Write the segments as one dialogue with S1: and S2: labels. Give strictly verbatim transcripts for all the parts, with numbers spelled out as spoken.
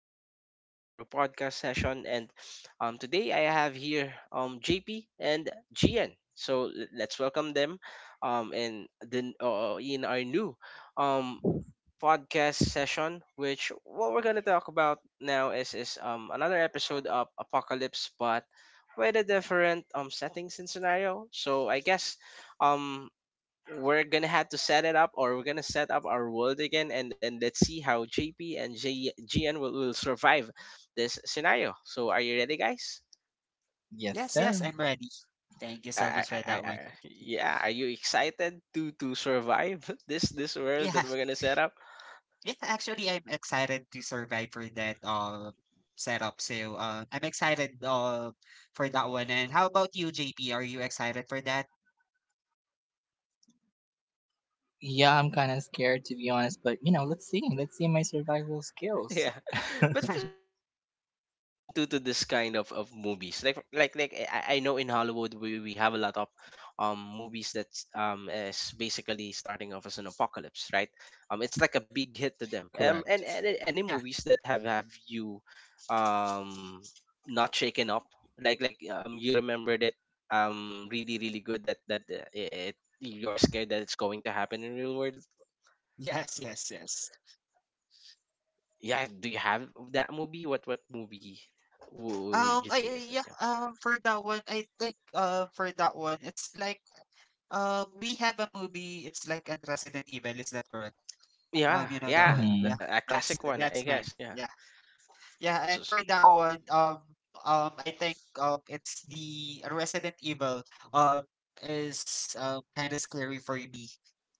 S1: again to our podcast session, and um today I have here um J P and Gian. So, l- let's welcome them um in the uh, in our new um podcast session, which what we're going to talk about now is is um another episode of Apocalypse, but with a different um settings and scenario. So I guess, um we're gonna have to set it up, or we're gonna set up our world again, and and let's see how jp and J- gn will, will survive this scenario. So, are you ready, guys?
S2: Yes,
S3: Yes,
S2: yes, I'm
S3: sir.
S2: ready. Thank you
S1: I,
S2: so
S1: I,
S2: much for
S1: I,
S2: that one.
S1: I- yeah, are you excited to to survive this this world
S2: Yeah,
S1: that we're gonna set up?
S2: yeah, actually I'm excited to survive for that uh setup. So uh I'm excited uh for that one. And how about you, J P? Are you excited for that?
S3: Yeah, I'm kind of scared to be honest, but you know, let's see. Let's see my survival skills.
S1: Yeah. but but but are you
S2: Okay.
S1: guys keen to to this kind of of movies? Like like like, I, I know, in Hollywood, we, we have a lot of um movies that's um is basically starting off as an apocalypse, right? Um, it's like a big
S3: Correct.
S1: hit to them. Um, and, and a- any
S2: Yeah.
S1: movies that have have you um not shaken up? Like like, um you remember that, um really really good, that that uh, it, you're scared that it's going to happen in real world?
S2: Yes, yes, yes.
S1: Yeah, do you have that movie? What what movie would
S2: Um
S1: you
S2: I
S1: think is
S2: I- yeah,
S1: that?
S2: um for that one, I think uh for that one, it's like um we have a movie, it's like a Resident Evil, is that correct? Um,
S1: Yeah,
S2: you know that
S3: Mm-hmm.
S1: yeah, yeah.
S2: one. Yeah.
S1: The, a classic
S2: That's
S1: one, I
S2: that's
S1: guess.
S2: mine.
S1: Yeah.
S2: Yeah. Yeah,
S1: So.
S2: and for that one, um, um, I think um, it's the Resident Evil um is uh, kind of scary for me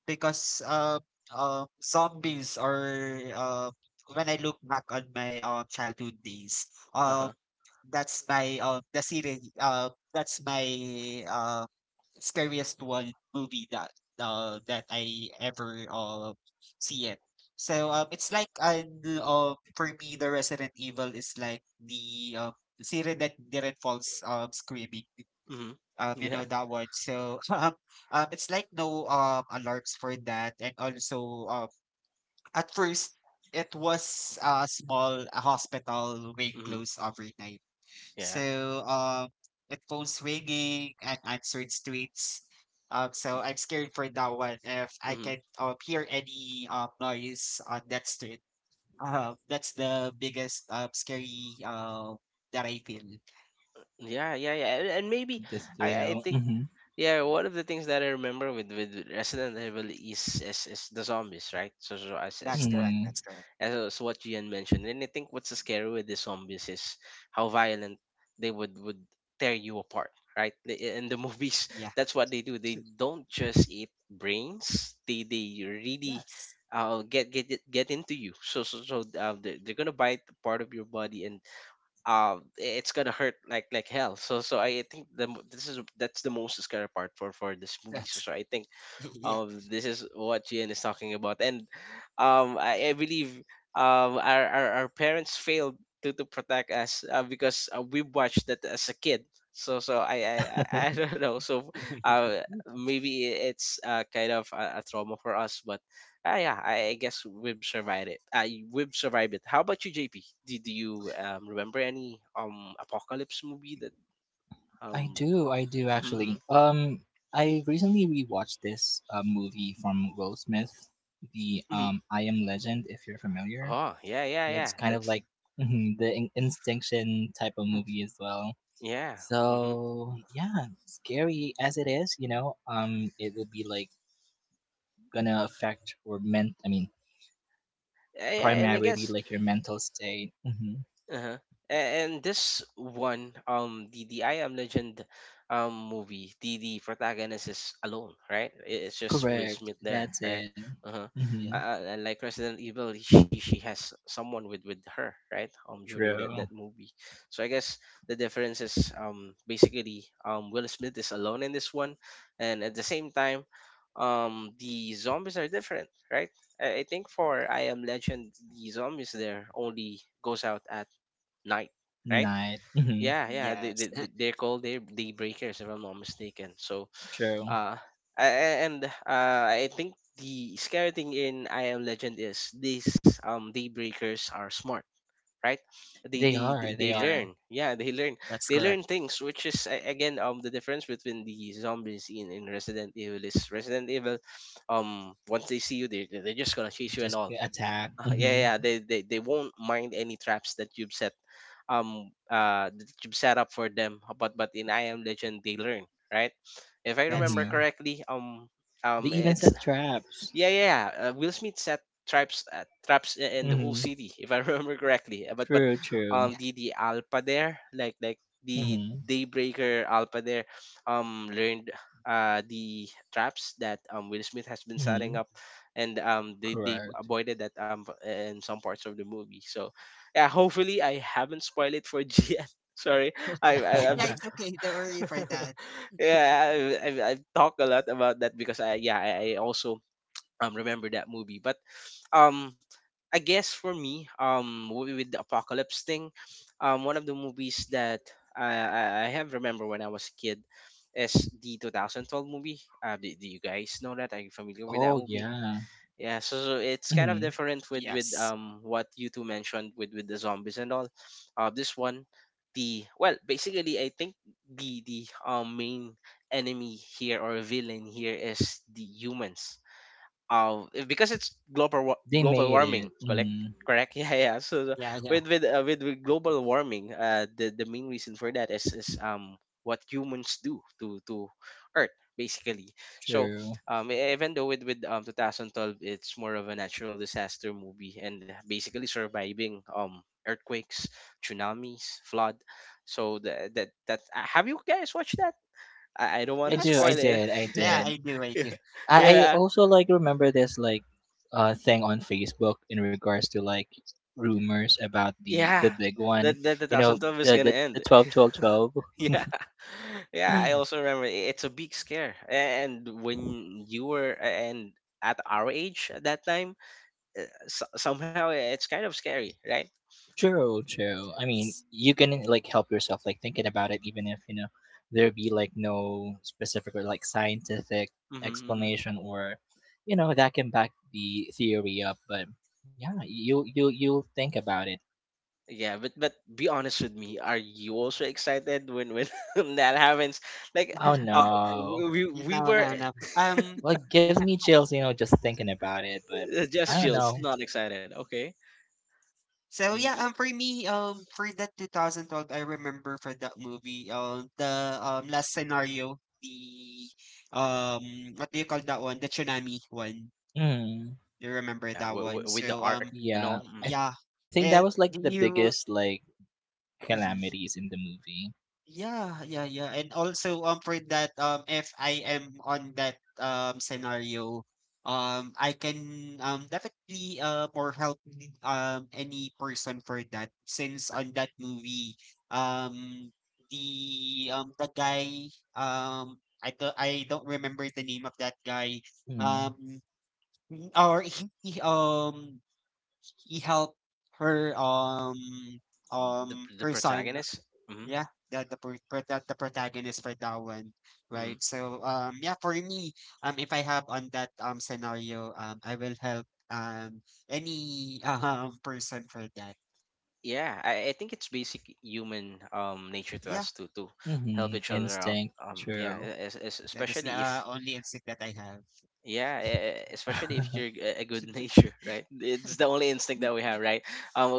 S2: because um uh, zombies are uh, when I look back on my um childhood days,
S1: Uh
S2: um,
S1: huh.
S2: that's my um the series uh that's my uh scariest one movie that uh that I ever uh see it. So um it's like an uh for me the Resident Evil is like the uh series that didn't falls um screaming.
S1: Hmm.
S2: Um you
S1: Yeah.
S2: know that one. So um, um it's like no um alarms for that, and also um at first it was a small uh, hospital being
S1: Hmm.
S2: closed overnight.
S1: Yeah.
S2: So um, it phones ringing and answered streets. Um, so I'm scared for that one. If I
S1: Hmm.
S2: can um, hear any um, noise on that street, um, that's the biggest um, scary um, that I feel.
S1: Yeah, yeah, yeah. And, and maybe,
S3: This
S1: I, I
S3: thrill.
S1: think,
S3: Mm-hmm.
S1: yeah, one of the things that I remember with with Resident Evil is is, is the zombies, right? So, so, as, as
S2: That's
S1: what
S2: correct. That's
S3: Hmm.
S2: correct.
S1: as what Gian mentioned. And I think what's scary with the zombies is how violent they would would tear you apart, right? The- In the movies,
S2: Yeah.
S1: that's what they do. They don't just eat brains. They they really
S2: Yes.
S1: uh get get it- get into you. So so so uh, they're, they're gonna bite a part of your body, and uh it's gonna hurt like like hell. So so I think the mo- this is that's the most scary part for for this movie. So
S2: That's
S1: so I think,
S2: yeah.
S1: um this is what Gian is talking about, and um I, I believe um our, our our parents failed to to protect us, uh, because, uh, we watched that as a kid, so so I I, I I don't know, so, uh maybe it's, uh, kind of a, a trauma for us, but, uh, yeah, I, I guess we've survived it. I We've survived it. How about you, J P? Do, do you um remember any um apocalypse movie that
S3: I
S1: um
S3: do. I do
S1: mm-hmm, mm-hmm.
S3: actually. Um, I recently rewatched this uh, movie from Will Smith, the
S1: Mm-hmm.
S3: um I Am Legend. If you're familiar,
S1: Oh, yeah, yeah, yeah,
S3: it's kind of
S1: that's...
S3: like mhm, the in- Instinction type of movie as well.
S1: yeah. Mm-hmm.
S3: So yeah, scary as it is, you know, um, it will be like gonna affect your ment I mean
S1: Yeah, yeah, and I
S3: primarily
S1: guess...
S3: like your mental state. Hmm.
S1: uh-huh. A- And this one, um, the the I Am Legend, um, movie, the the protagonist is alone, right? I- It's just Will Smith
S3: Correct.
S1: there, right?
S3: That's it.
S1: Uh-huh.
S2: Yeah.
S1: Uh,
S3: Hmm.
S1: uh, and, like Resident Evil, she she has someone with with her, right? Um, during that that
S3: True.
S1: movie, so I guess the difference is, um basically, um Will Smith is alone in this one, and at the same time, um the zombies are different, right? I I think for I Am Legend, the zombies there only goes out at night, right?
S3: Night. Hmm.
S1: Yeah, yeah. They,
S2: Yes.
S1: they, they- they're called day, daybreakers, if I'm not mistaken. So,
S3: True.
S1: uh, a- a- and uh, I think the scary thing in I Am Legend is these um daybreakers are smart, right?
S3: They
S1: They they
S3: are.
S1: they
S3: They
S1: they
S3: are.
S1: learn. Yeah, they learn.
S2: That's
S1: They
S2: correct.
S1: learn things, which is, a- again, um the difference between the zombies in in Resident Evil is Resident Evil, um once they see you, they they're they're just gonna chase you and
S3: Just
S1: all.
S3: get attacked.
S1: Uh, yeah,
S3: Hmm.
S1: yeah, they, they they won't mind any traps that you've set, um, uh, that you've set up for them. But but in I Am Legend, they learn, right? If I
S2: That's
S1: remember
S3: Hmm.
S2: correct.
S1: correctly, um,
S3: They
S1: um,
S3: even
S1: it's
S3: set traps.
S1: yeah, yeah, yeah. Uh, Will Smith set traps, uh, traps i- in the whole
S3: Hmm.
S1: city, if I remember correctly. Uh, But but,
S3: True. True.
S1: um
S2: Yeah.
S1: the the Alpha there, like like the
S3: Hmm.
S1: Daybreaker Alpha there, um learned uh the traps that um Will Smith has
S3: Hmm.
S1: been setting up, and um they
S3: Correct.
S1: they avoided that um in some parts of the movie. So, yeah, hopefully I haven't spoiled it for G N. Sorry, I I I've
S2: Yeah, it's okay. Don't worry for that.
S1: yeah, I, I, I talk a lot about that because I yeah I I also um remember that movie, but um i guess for me, um movie with the apocalypse thing, um one of the movies that i i I have remember when i was a kid is the two thousand twelve movie. uh do, do you
S3: Oh
S1: guys know that? Are you
S3: yeah.
S1: familiar with that movie? Yeah,
S3: Hmm.
S1: so, so it's kind of different with with
S2: Yes.
S1: um what you two mentioned, with with the zombies and all. Uh this one, the well, basically, i think the the um main enemy here, or villain here, is the humans. Uh, if- because it's global wa-
S3: They made
S1: global
S3: it.
S1: warming, correct?
S3: Hmm.
S1: Correct. Yeah, yeah. So the-
S2: Yeah, yeah.
S1: with, with uh, with, with global warming, uh the, the main reason for that is is um what humans do to to earth, basically. So,
S3: True.
S1: um e- even though with with um twenty twelve, it's more of a natural disaster movie, and basically surviving um earthquakes, tsunamis, flood. So that that, that uh, have you guys watched that? i, I don't want
S3: I
S1: to
S3: do. I
S1: spoil
S2: Yes.
S1: it.
S3: did. I
S2: Yeah,
S3: did.
S2: I do. I
S1: Yeah,
S2: do.
S3: I, I
S1: yeah
S3: also like remember this like uh thing on Facebook in regards to like rumors about the
S1: Yeah,
S3: the big one.
S1: that that
S3: You know,
S1: twenty twelve is
S3: the
S1: gonna
S3: the, the
S1: end.
S3: 12 twelve twelve
S1: Yeah, yeah. I also remember, i- it's a big scare, and when you were, and at our age at that time, uh, so- somehow, eh, it's kind of scary, right?
S3: churro churro. I mean, you can like help yourself like thinking about it even if, you know, there be like no specific or like scientific
S1: Mm-hmm, mm-hmm.
S3: explanation or you know, that can back the theory up, but yeah, you you you think about it.
S1: Yeah, but but be honest with me. Are you also excited when when that happens? Like,
S3: Oh
S1: uh,
S3: no.
S1: we we
S2: No,
S1: were...
S2: no, no. Um,
S3: Well, it gives me chills, you know, just thinking about it. But
S1: uh, just
S3: I don't
S1: chills,
S3: know.
S1: not excited? Okay.
S2: so yeah,
S1: Y-
S2: um, for me, um, for that twenty twelve, I remember for that movie, um, the um last scenario, the um, what do you call that one? The tsunami one. You
S3: Mm,
S2: remember
S1: Yeah,
S2: that
S1: w-
S2: one?
S1: w- with the
S2: So
S1: art
S2: um,
S1: and all, mm,
S2: yeah.
S3: yeah, I think that
S2: It,
S3: was like
S2: do
S3: the
S2: you?
S3: biggest like
S2: Mhm.
S3: calamities in the movie.
S2: Yeah, yeah, yeah. And also um for that um if I am on that um scenario, um I can um definitely uh more help um any person for that since on that movie um the um the guy um I don't I don't remember the name of that guy um
S3: Mm.
S2: he- or he he, um he helped her um um
S1: the the
S2: her son.
S1: protagonist. Mm-hmm.
S2: Yeah, that the pro- pro- that the protagonist for that one,
S1: Mm-hmm.
S2: right? So um yeah, for me, um if I have on that um scenario, um I will help um any um person for that.
S1: Yeah, I, I think it's basic human um nature to
S2: Yeah,
S1: us to to
S3: Hmm.
S1: help each
S3: Mm-hmm.
S1: other out, um
S3: Instinct,
S1: yeah, e, es-
S3: true.
S1: es-
S2: that is the
S1: especially
S2: uh,
S1: if...
S2: only instinct that I have.
S1: Yeah, e- e, especially if you're a a good nature, right? It's the only instinct that we have, right?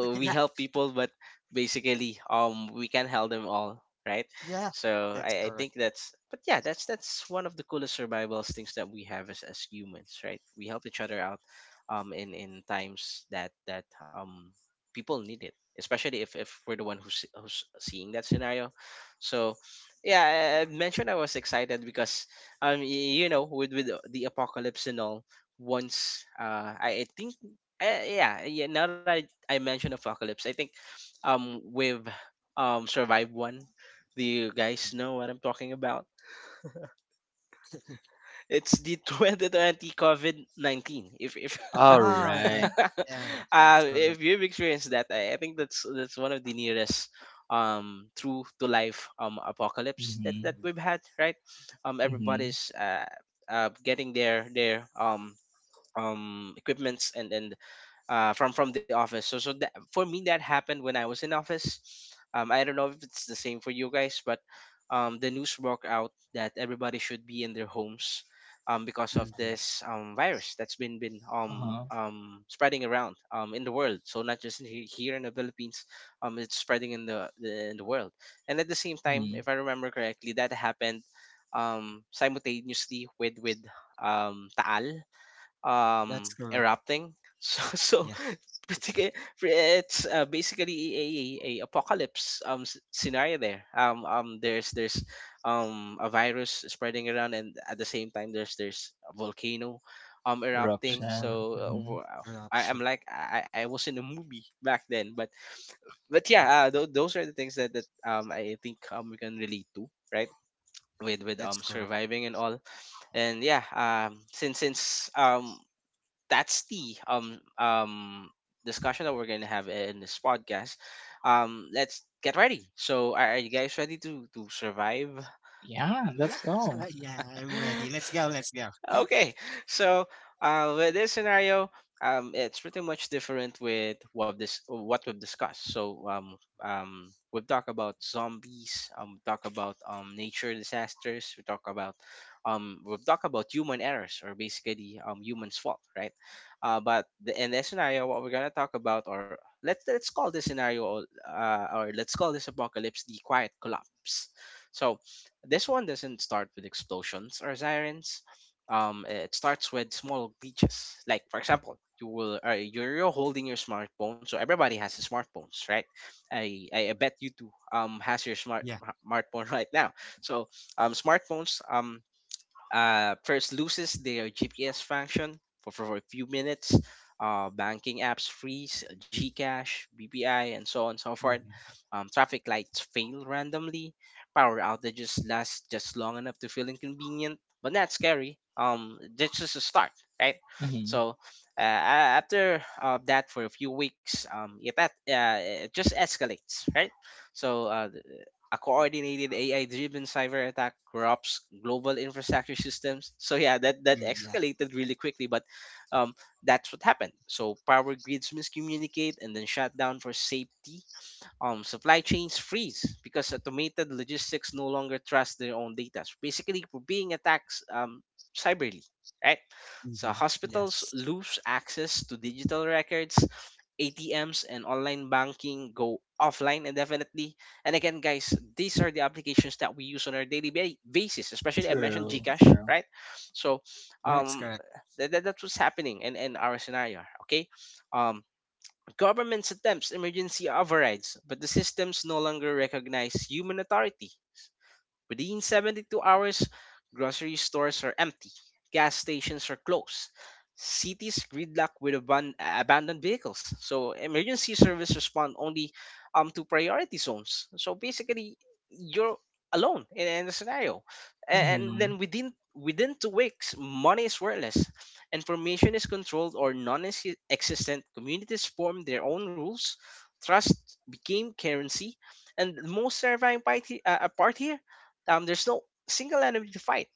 S1: We
S2: Yeah,
S1: help people, but basically, um, we can't help them all, right?
S2: yeah,
S1: So,
S2: that's
S1: I, I
S2: correct.
S1: think that's... but yeah, that's that's one of the coolest survival things that we have as as humans, right? We help each other out, um, in in times that that um people need it, especially if if we're the one who's who's seeing that scenario. So, yeah, I I mentioned I was excited because, um y- you know with with the the apocalypse and all, once, uh i, I think, uh, yeah, yeah, now that I, I mentioned apocalypse, i think, um with, um survive one... do you guys know what i'm talking about? It's the twenty twenty COVID nineteen. If if
S3: All
S2: Oh yeah,
S3: right.
S2: yeah, that's
S1: uh, If
S2: correct.
S1: you've experienced that, I, I think that's that's one of the nearest um true to life um apocalypse that
S3: Mm-hmm.
S1: that
S2: Mm-hmm.
S1: we've had, right? Um,
S3: Mm-hmm.
S1: everybody's uh, uh getting their their um um equipments and and uh, from from the office. So so that, for me, that happened when I was in office. Um, I don't know if it's the same for you guys, but, um, the news broke out that everybody should be in their homes, um, because of
S2: mm-hmm,
S1: this, um, virus that's been been um,
S3: Uh-huh.
S1: um, spreading around, um, in the world. So not just in, he- here in the Philippines, um, it's spreading in the, the in the world. And at the same time,
S3: Mm.
S1: if I remember correctly, that happened, um, simultaneously with with um, Taal
S2: That's
S1: um
S2: correct.
S1: erupting. so so
S2: Yeah,
S1: particu- it's, uh, basically a, a apocalypse um s- scenario there. um um there's there's um a virus spreading around, and at the same time, there's there's a volcano um
S2: that's
S1: erupting.
S2: correct.
S3: Eruption.
S1: So, uh,
S3: Mm-hmm.
S1: w- uh,
S2: Good
S1: I,
S2: option.
S1: am like I, I I was in a movie back then, but but
S2: Mm,
S1: yeah, uh, th- those are the things that that um i think um we can relate to, right, with with
S2: that's
S1: um
S2: correct.
S1: surviving and all. And, yeah, um since since um that's the um um discussion that we're gonna have in this podcast. Um, let's get ready. So, are, are you guys ready to to survive?
S3: Yeah, let's
S2: Yeah,
S3: go.
S2: yeah, I'm ready. Let's go. Let's go.
S1: Okay, so, uh, with this scenario, um, it's pretty much different with what this what we've discussed. So um, um, we've talked about zombies. Um, we talk about um nature disasters. We talk about um, we've talked about human errors, or basically um humans' fault, right? Uh, but the, in this scenario, what we're gonna talk about, or let's let's call this scenario, uh, or let's call this apocalypse, the quiet collapse. So this one doesn't start with explosions or sirens. Um, it starts with small glitches. Like for example, you will uh, you're, you're holding your smartphone, so everybody has a smartphones, right? I, I I bet you too um has your smart
S2: Yeah.
S1: smartphone right now. So um smartphones um uh, first loses their G P S function for, for a few minutes. Uh, banking apps freeze, Gcash, B P I, and so on and so forth.
S2: Mm-hmm.
S1: Um, traffic lights fail randomly. Power outages last just long enough to feel inconvenient, but not scary. Um, that's just a start, right?
S3: Mm-hmm.
S1: So uh, a- after uh, that, for a few weeks, um, it, at- uh, it just escalates, right? So uh, a coordinated A I-driven cyber attack corrupts global infrastructure systems. So yeah, that that
S2: Mm, yeah.
S1: escalated really quickly, but um, that's what happened. So power grids miscommunicate and then shut down for safety. Um, supply chains freeze because automated logistics no longer trust their own data. So basically, we're being attacked um, cyberly, right? So
S2: Mhm.
S1: hospitals
S2: Yes.
S1: lose access to digital records, A T Ms, and online banking go offline indefinitely. And again, guys, these are the applications that we use on our daily ba- basis. Especially, I mentioned
S3: True.
S1: Gcash,
S3: True.
S1: right? So,
S2: That's
S1: um,
S2: correct.
S1: that, that, that's what's happening in, in our scenario. Okay, um, governments attempt emergency overrides, but the systems no longer recognize human authority. Within seventy-two hours, grocery stores are empty, gas stations are closed, cities gridlock with aban- abandoned vehicles. So emergency service respond only um to priority zones. So basically, you're alone in, in the scenario, and
S3: Mm-hmm.
S1: then within within two weeks, money is worthless, information is controlled or non-existent. Communities form their own rules. Trust became currency, and the most terrifying part, he- uh, part here, um, there's no single enemy to fight.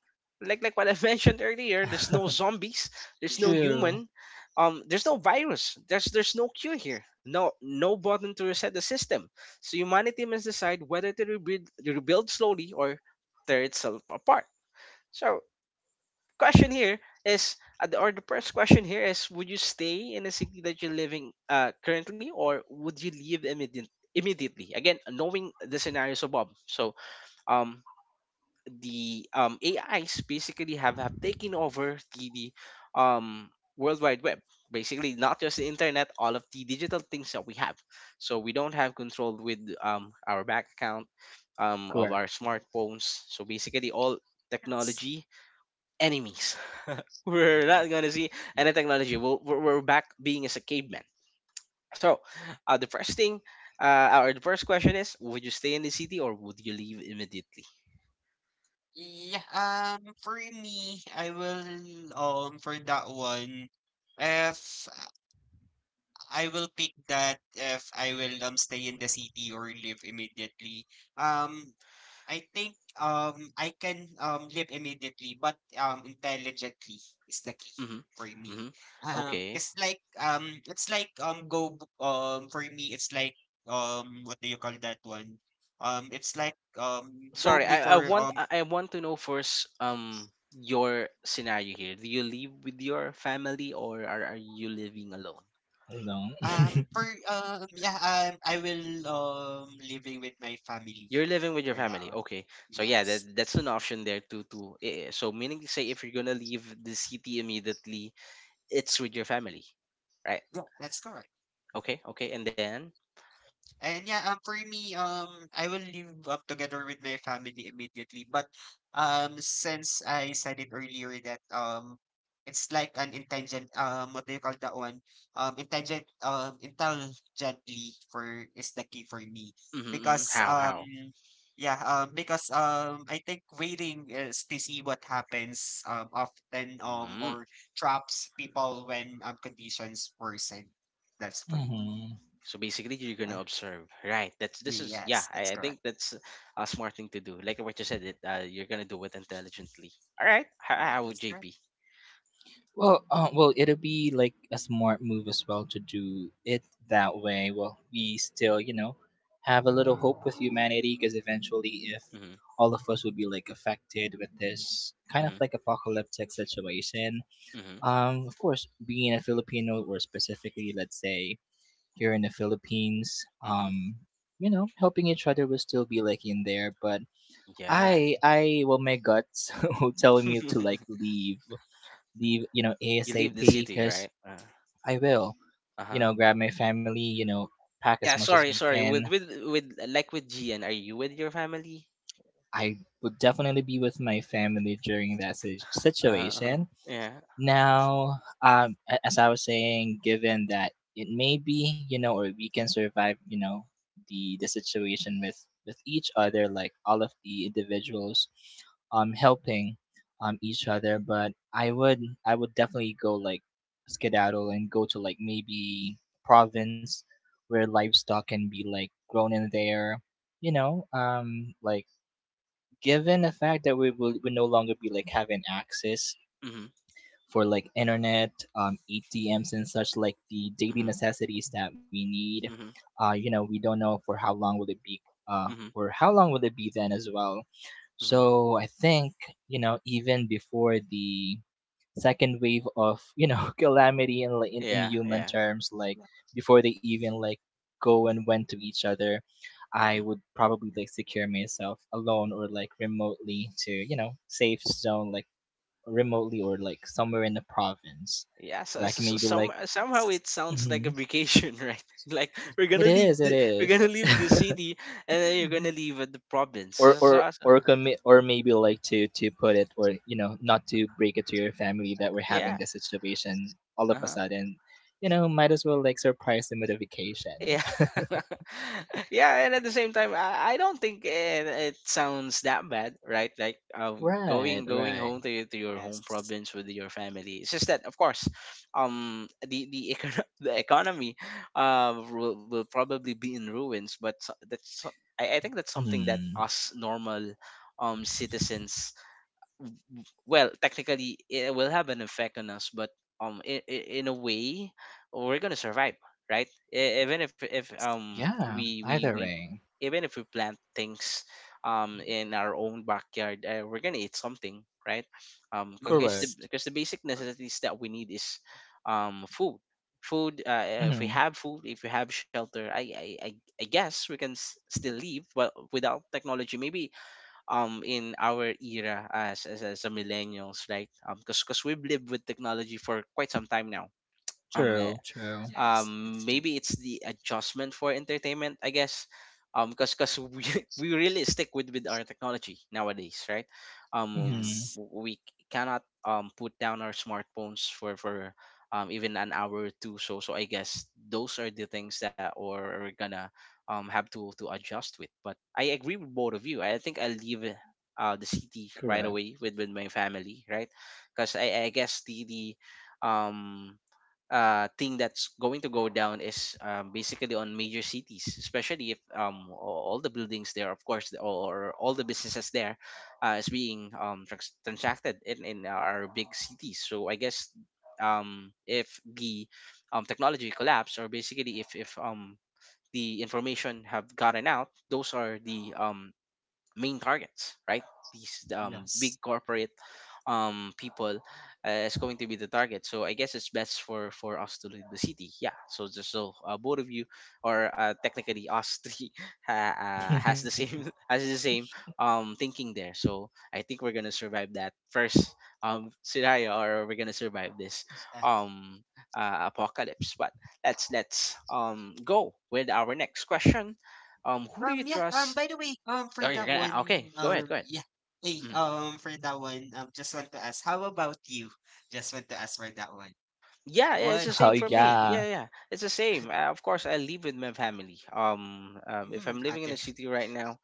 S1: Like like what I mentioned earlier, there's no zombies, there's
S2: Yeah.
S1: no
S3: True.
S1: human, um, there's no virus, there's there's no cure here, no no button to reset the system. So humanity must decide whether to rebuild, rebuild slowly or tear itself apart. So question here is, uh, the- or the first question here is, would you stay in the city that you're living uh, currently, or would you leave immediate, immediately? Again, knowing the scenarios above. So um the um, A Is basically have, have taken over the, the um, World Wide Web. Basically, not just the internet, all of the digital things that we have. So we don't have control with um, our bank account, um, of
S3: Correct.
S1: our smartphones. So basically, all
S2: Yes.
S1: technology enemies. We're
S2: Mm,
S1: not gonna see any
S2: yeah.
S1: technology. We'll, we're, we're back being as a caveman. So uh, the first thing, uh, or the first question is: would you stay in the city or would you leave immediately?
S2: Yeah. Um, for me, I will um for that one, if I will pick that if I will um stay in the city or live immediately. Um, I think um I can um live immediately, but um intelligently is the key
S1: Mm-hmm.
S2: for me.
S1: Mm-hmm.
S2: Um,
S1: Okay.
S2: it's like um it's like um go b- um for me it's like um what do you call that one? Um, it's like um go
S1: Sorry, I, I
S2: before
S1: want
S2: um
S1: I I want to know first um your scenario here. Do you live with your family or are, are you living alone?
S3: Alone.
S2: um for um yeah um I will um living with my family
S1: You're living with your
S2: for
S1: family.
S2: now.
S1: Okay. So yeah,
S2: Yes,
S1: that, that's an option there too too. Eh, eh, So meaning to say if you're gonna leave the city immediately, it's with your family, right?
S2: yeah, that's correct.
S1: Okay, okay, and then
S2: And yeah, um, for me, um, I will live up together with my family immediately. But um, since I said it earlier that um, it's like an intelligent um, what do you call that one? Um, intelligent um, intelligently for is the key for me
S1: mm-hmm, mm-hmm.
S2: because
S1: How
S2: um,
S1: how?
S2: yeah, um, because um, I think waiting is to see what happens um often um
S1: Mm.
S2: or traps people when um conditions worsen. That's pretty.
S3: Mm-hmm.
S1: So basically, you're gonna
S2: Uh,
S1: observe, right? That's this is yeah.
S2: yes,
S1: I, I
S2: that's
S1: think
S2: correct.
S1: that's a smart thing to do. Like what you said, it uh, you're gonna do it intelligently. All right, how,
S2: Yeah,
S1: how would
S2: that's correct.
S1: J P?
S3: Well, uh, well, it'll be like a smart move as well to do it that way. Well, we still, you know, have a little hope with humanity because eventually, if
S1: Mm-hmm,
S3: all of us would be like affected with this kind of
S1: mm-hmm,
S3: like apocalyptic situation,
S1: mm-hmm,
S3: um, of course, being a Filipino or specifically, let's say, here in the Philippines,
S1: mm-hmm.
S3: um, you know, helping each other will still be like in there. But
S1: Yeah,
S3: I, I, well, my guts will tell me to like leave leave, you know,
S1: you
S3: ASAP
S1: leave the city,
S3: because
S1: right?
S3: I will,
S1: Uh
S3: you
S1: huh.
S3: know, grab my family, you know, pack as
S1: Yeah,
S3: much as
S1: sorry,
S3: we
S1: sorry.
S3: can.
S1: With with with like with G N, are you with your family?
S3: I would definitely be with my family during that si-
S1: Uh huh.
S3: situation.
S1: Yeah.
S3: Now, um, a- as I was saying, given that it may be, you know, or we can survive, you know, the the situation with with each other, like all of the individuals, um, helping, um, each other. But I would I would definitely go like skedaddle and go to like maybe province where livestock can be like grown in there, you know, um, like given the fact that we will we no longer be like having access
S1: Mm-hmm,
S3: for like internet, um, A T Ms and such like the daily
S1: mm-hmm,
S3: necessities that we need.
S1: mm-hmm,
S3: Uh, you know, we don't know for how long will it be. Uh,
S1: mm-hmm,
S3: for how long will it be then as well?
S1: mm-hmm.
S3: So I think you know even before the second wave of you know calamity in like in, in
S1: Yeah,
S3: human
S1: yeah.
S3: terms, like before they even like go and went to each other, I
S1: Mm-hmm.
S3: would probably like secure myself alone or like remotely to you know safe zone like remotely or like somewhere in the province
S1: Yeah, so,
S3: where I
S1: so,
S3: can
S1: so
S3: maybe
S1: some,
S3: like.
S1: somehow
S2: Yes.
S1: it sounds like a
S3: Mhm.
S1: vacation, right? Like we're
S3: It
S1: gonna
S3: is, it
S1: leave the
S3: is.
S1: we're gonna leave the city, and then you're gonna leave uh, the province. So,
S3: Or or
S1: so, so-
S3: or commi- or maybe like to to put it or you know not to break it to your family that we're having
S1: yeah,
S3: this situation all of a
S1: uh-huh.
S3: sudden, you know, might as well like surprise them with a
S1: Yeah.
S3: vacation.
S1: Yeah, and at the same time, I, I don't think it, it sounds that bad, right? Like uh, going
S3: Right,
S1: going home
S3: right.
S1: to your, to your home
S2: Yes.
S1: province with your family. It's just that, of course, um, the the, econo- the economy uh, will, will probably be in ruins. But so- that's so- I, I think that's something that
S3: Hmm.
S1: us normal um citizens, well, technically it will have an effect on us, but um in, in a way we're gonna survive, right? E- even if if
S3: Yeah,
S1: um
S3: either
S1: we
S3: way.
S1: we we even if we plant things um in our own backyard, uh, we're gonna eat something, right? Um because the
S3: Correct.
S2: Yes.
S1: because the basic
S2: Cor-
S1: necessities that we need is um food. Food uh, eh, if we
S3: Mm-hmm.
S1: have food, if we have shelter, i i i, I guess we can s- still live well without technology maybe um in our era as as, as a millennials, right? um because because we've lived with technology for quite some time now. um
S3: True, true.
S2: Yes,
S1: um
S2: it's true.
S1: Maybe it's the adjustment for entertainment, I guess, um because because we, we really stick with with our technology nowadays, right? Um
S3: Mm-hmm.
S2: Yes.
S1: w- we cannot um put down our smartphones for for um even an hour or two, so so I guess those are the things that or we're gonna um have to to adjust with. But I agree with both of you. I
S3: Correct.
S1: think I will leave uh uh, the city right away with with my family, right? Because I, I guess the the um uh, thing that's going to go down is um, basically on major cities, especially if um, a- all the buildings there, of course, the- or all the businesses there, uh, is being um, trans- transacted in, in our big cities. So I guess um, if the um, technology collapse, or basically if, if um, the information have gotten out, those are the um, main targets, right? These um,
S2: Yes.
S1: big corporate um, people uh, is going to be the target. So I guess it's best for for us to leave the city. Yeah. So just so uh, both of you, or uh, technically us three, uh, uh, has the same has the same um, thinking there. So I think we're gonna survive that first um, scenario, or we're gonna survive this
S2: Uh,
S1: um, uh, apocalypse. But let's let's um, go with our next question. Um, who do you
S2: um yeah, um
S1: trust?
S2: by the way, um
S1: Oh,
S2: for
S1: you're
S2: that
S1: gonna ah, okay.
S2: one,
S1: Go ahead.
S2: um
S1: Go ahead.
S2: yeah. Hey,
S1: Mm.
S2: um for that one, um just want to ask, how about you? Just want to ask for that one.
S1: Yeah, yeah, it's
S2: What
S1: the
S3: Oh
S1: same for
S2: uh,
S1: me.
S3: yeah.
S1: Yeah, yeah, it's the same. Uh, of course, I live with my family. Um, um, if
S2: mm,
S1: I'm living in
S2: okay.
S1: the city right now,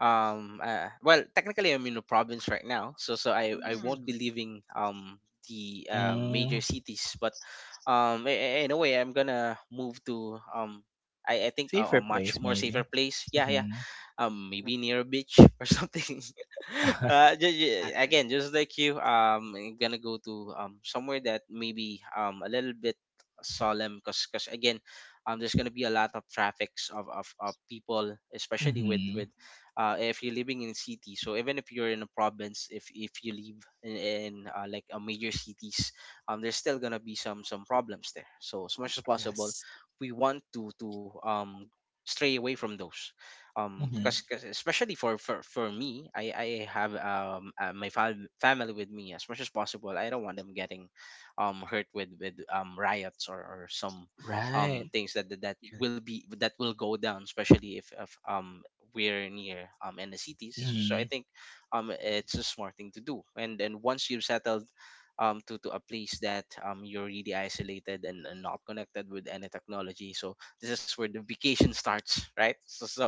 S1: um, uh, well, technically I'm in the province right now, so so I I won't
S2: Mm,
S1: be leaving um the uh, major
S3: Mm.
S1: cities, but um, i- i- in a way, I'm gonna move to um. I, I think a, a
S3: Safer
S1: much
S3: place
S1: more safer
S3: maybe.
S1: place. Yeah, yeah.
S3: Mhm.
S1: Um maybe near a beach or something. Uh ju- ju-
S2: okay.
S1: again, just like you, um I'm gonna go to um somewhere that maybe um a little bit solemn, because because again um there's gonna be a lot of traffics of, of, of people, especially with with
S3: Mhm.
S1: uh if you're living in city. So even if you're in a province, if if you live in, in uh, like a major cities, um there's still gonna be some some problems there. So as much as possible,
S2: Yes.
S1: we want to to um stray away from those, um
S2: Mm,
S3: Mhm.
S1: because especially for, for for me, i i have um uh, my fam- family with me. As much as possible, I don't want them getting um hurt with with um riots, or, or some um
S3: Right.
S1: things that that that
S2: here.
S1: will be that will go down, especially if, if um we're near um in the cities. So I
S3: Mhm.
S1: think um it's a smart thing to do. and and once you've settled um to, to a place that um you're really isolated and, and not connected with any technology, so this is where the vacation starts, right? so so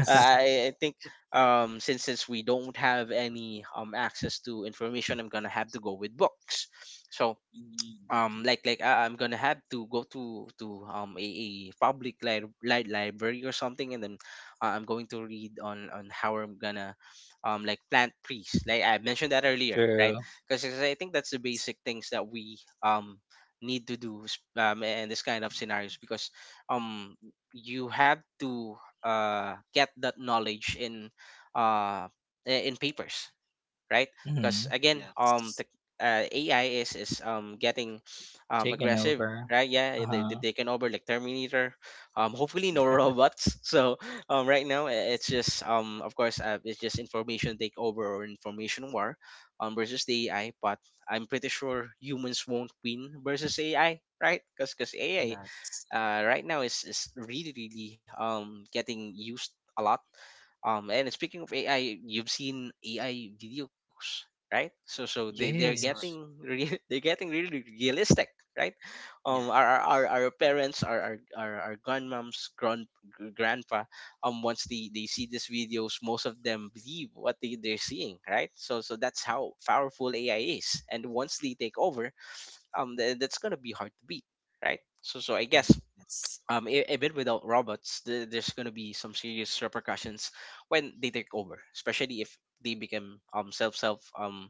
S1: uh, i, I think um since since we don't have any um access to information, I'm gonna have to go with books. So
S2: Mm, okay.
S1: um like like I, I'm gonna have to go to to um a, a public li- li- library or something, and then uh, I'm going to read on on how I'm gonna um like plant trees, like I mentioned that earlier,
S3: True.
S1: right? Because I think that's the basic things that we um need to do s- um in this kind of scenarios, because um you have to uh get that knowledge in uh i- in papers, right? Because
S3: Mhm.
S1: again, um,
S2: Yes.
S1: tech uh, A I is is um getting um
S3: Taken
S1: aggressive,
S3: over.
S1: right? Yeah, eh, they they
S3: Uh-huh.
S1: taken over like Terminator. Um, hopefully
S2: Yeah.
S1: no robots. So um, right now i- it's just um, of course, uh, it's just information takeover or information war, um, versus the A I. But I'm pretty sure humans won't win versus A I, right? Because because A I
S2: Yes.
S1: uh, right now is is really really um getting used a lot. Um, and speaking of A I, you've seen A I videos, right? So so they they're
S2: That's correct.
S3: Yes.
S1: getting re- they're getting really really realistic, right?
S2: Yeah.
S1: Um, our our, our our parents, our our our, our grandmoms, grand grandpa, um, once they they see these videos, most of them believe what they they're seeing, right? So so that's how powerful A I is, and once they take over, um, th- that's gonna be hard to beat, right? So so I guess
S2: Mm, yes.
S1: um e- even without robots th- there's going to be some serious repercussions when they take over, especially if they become um self self um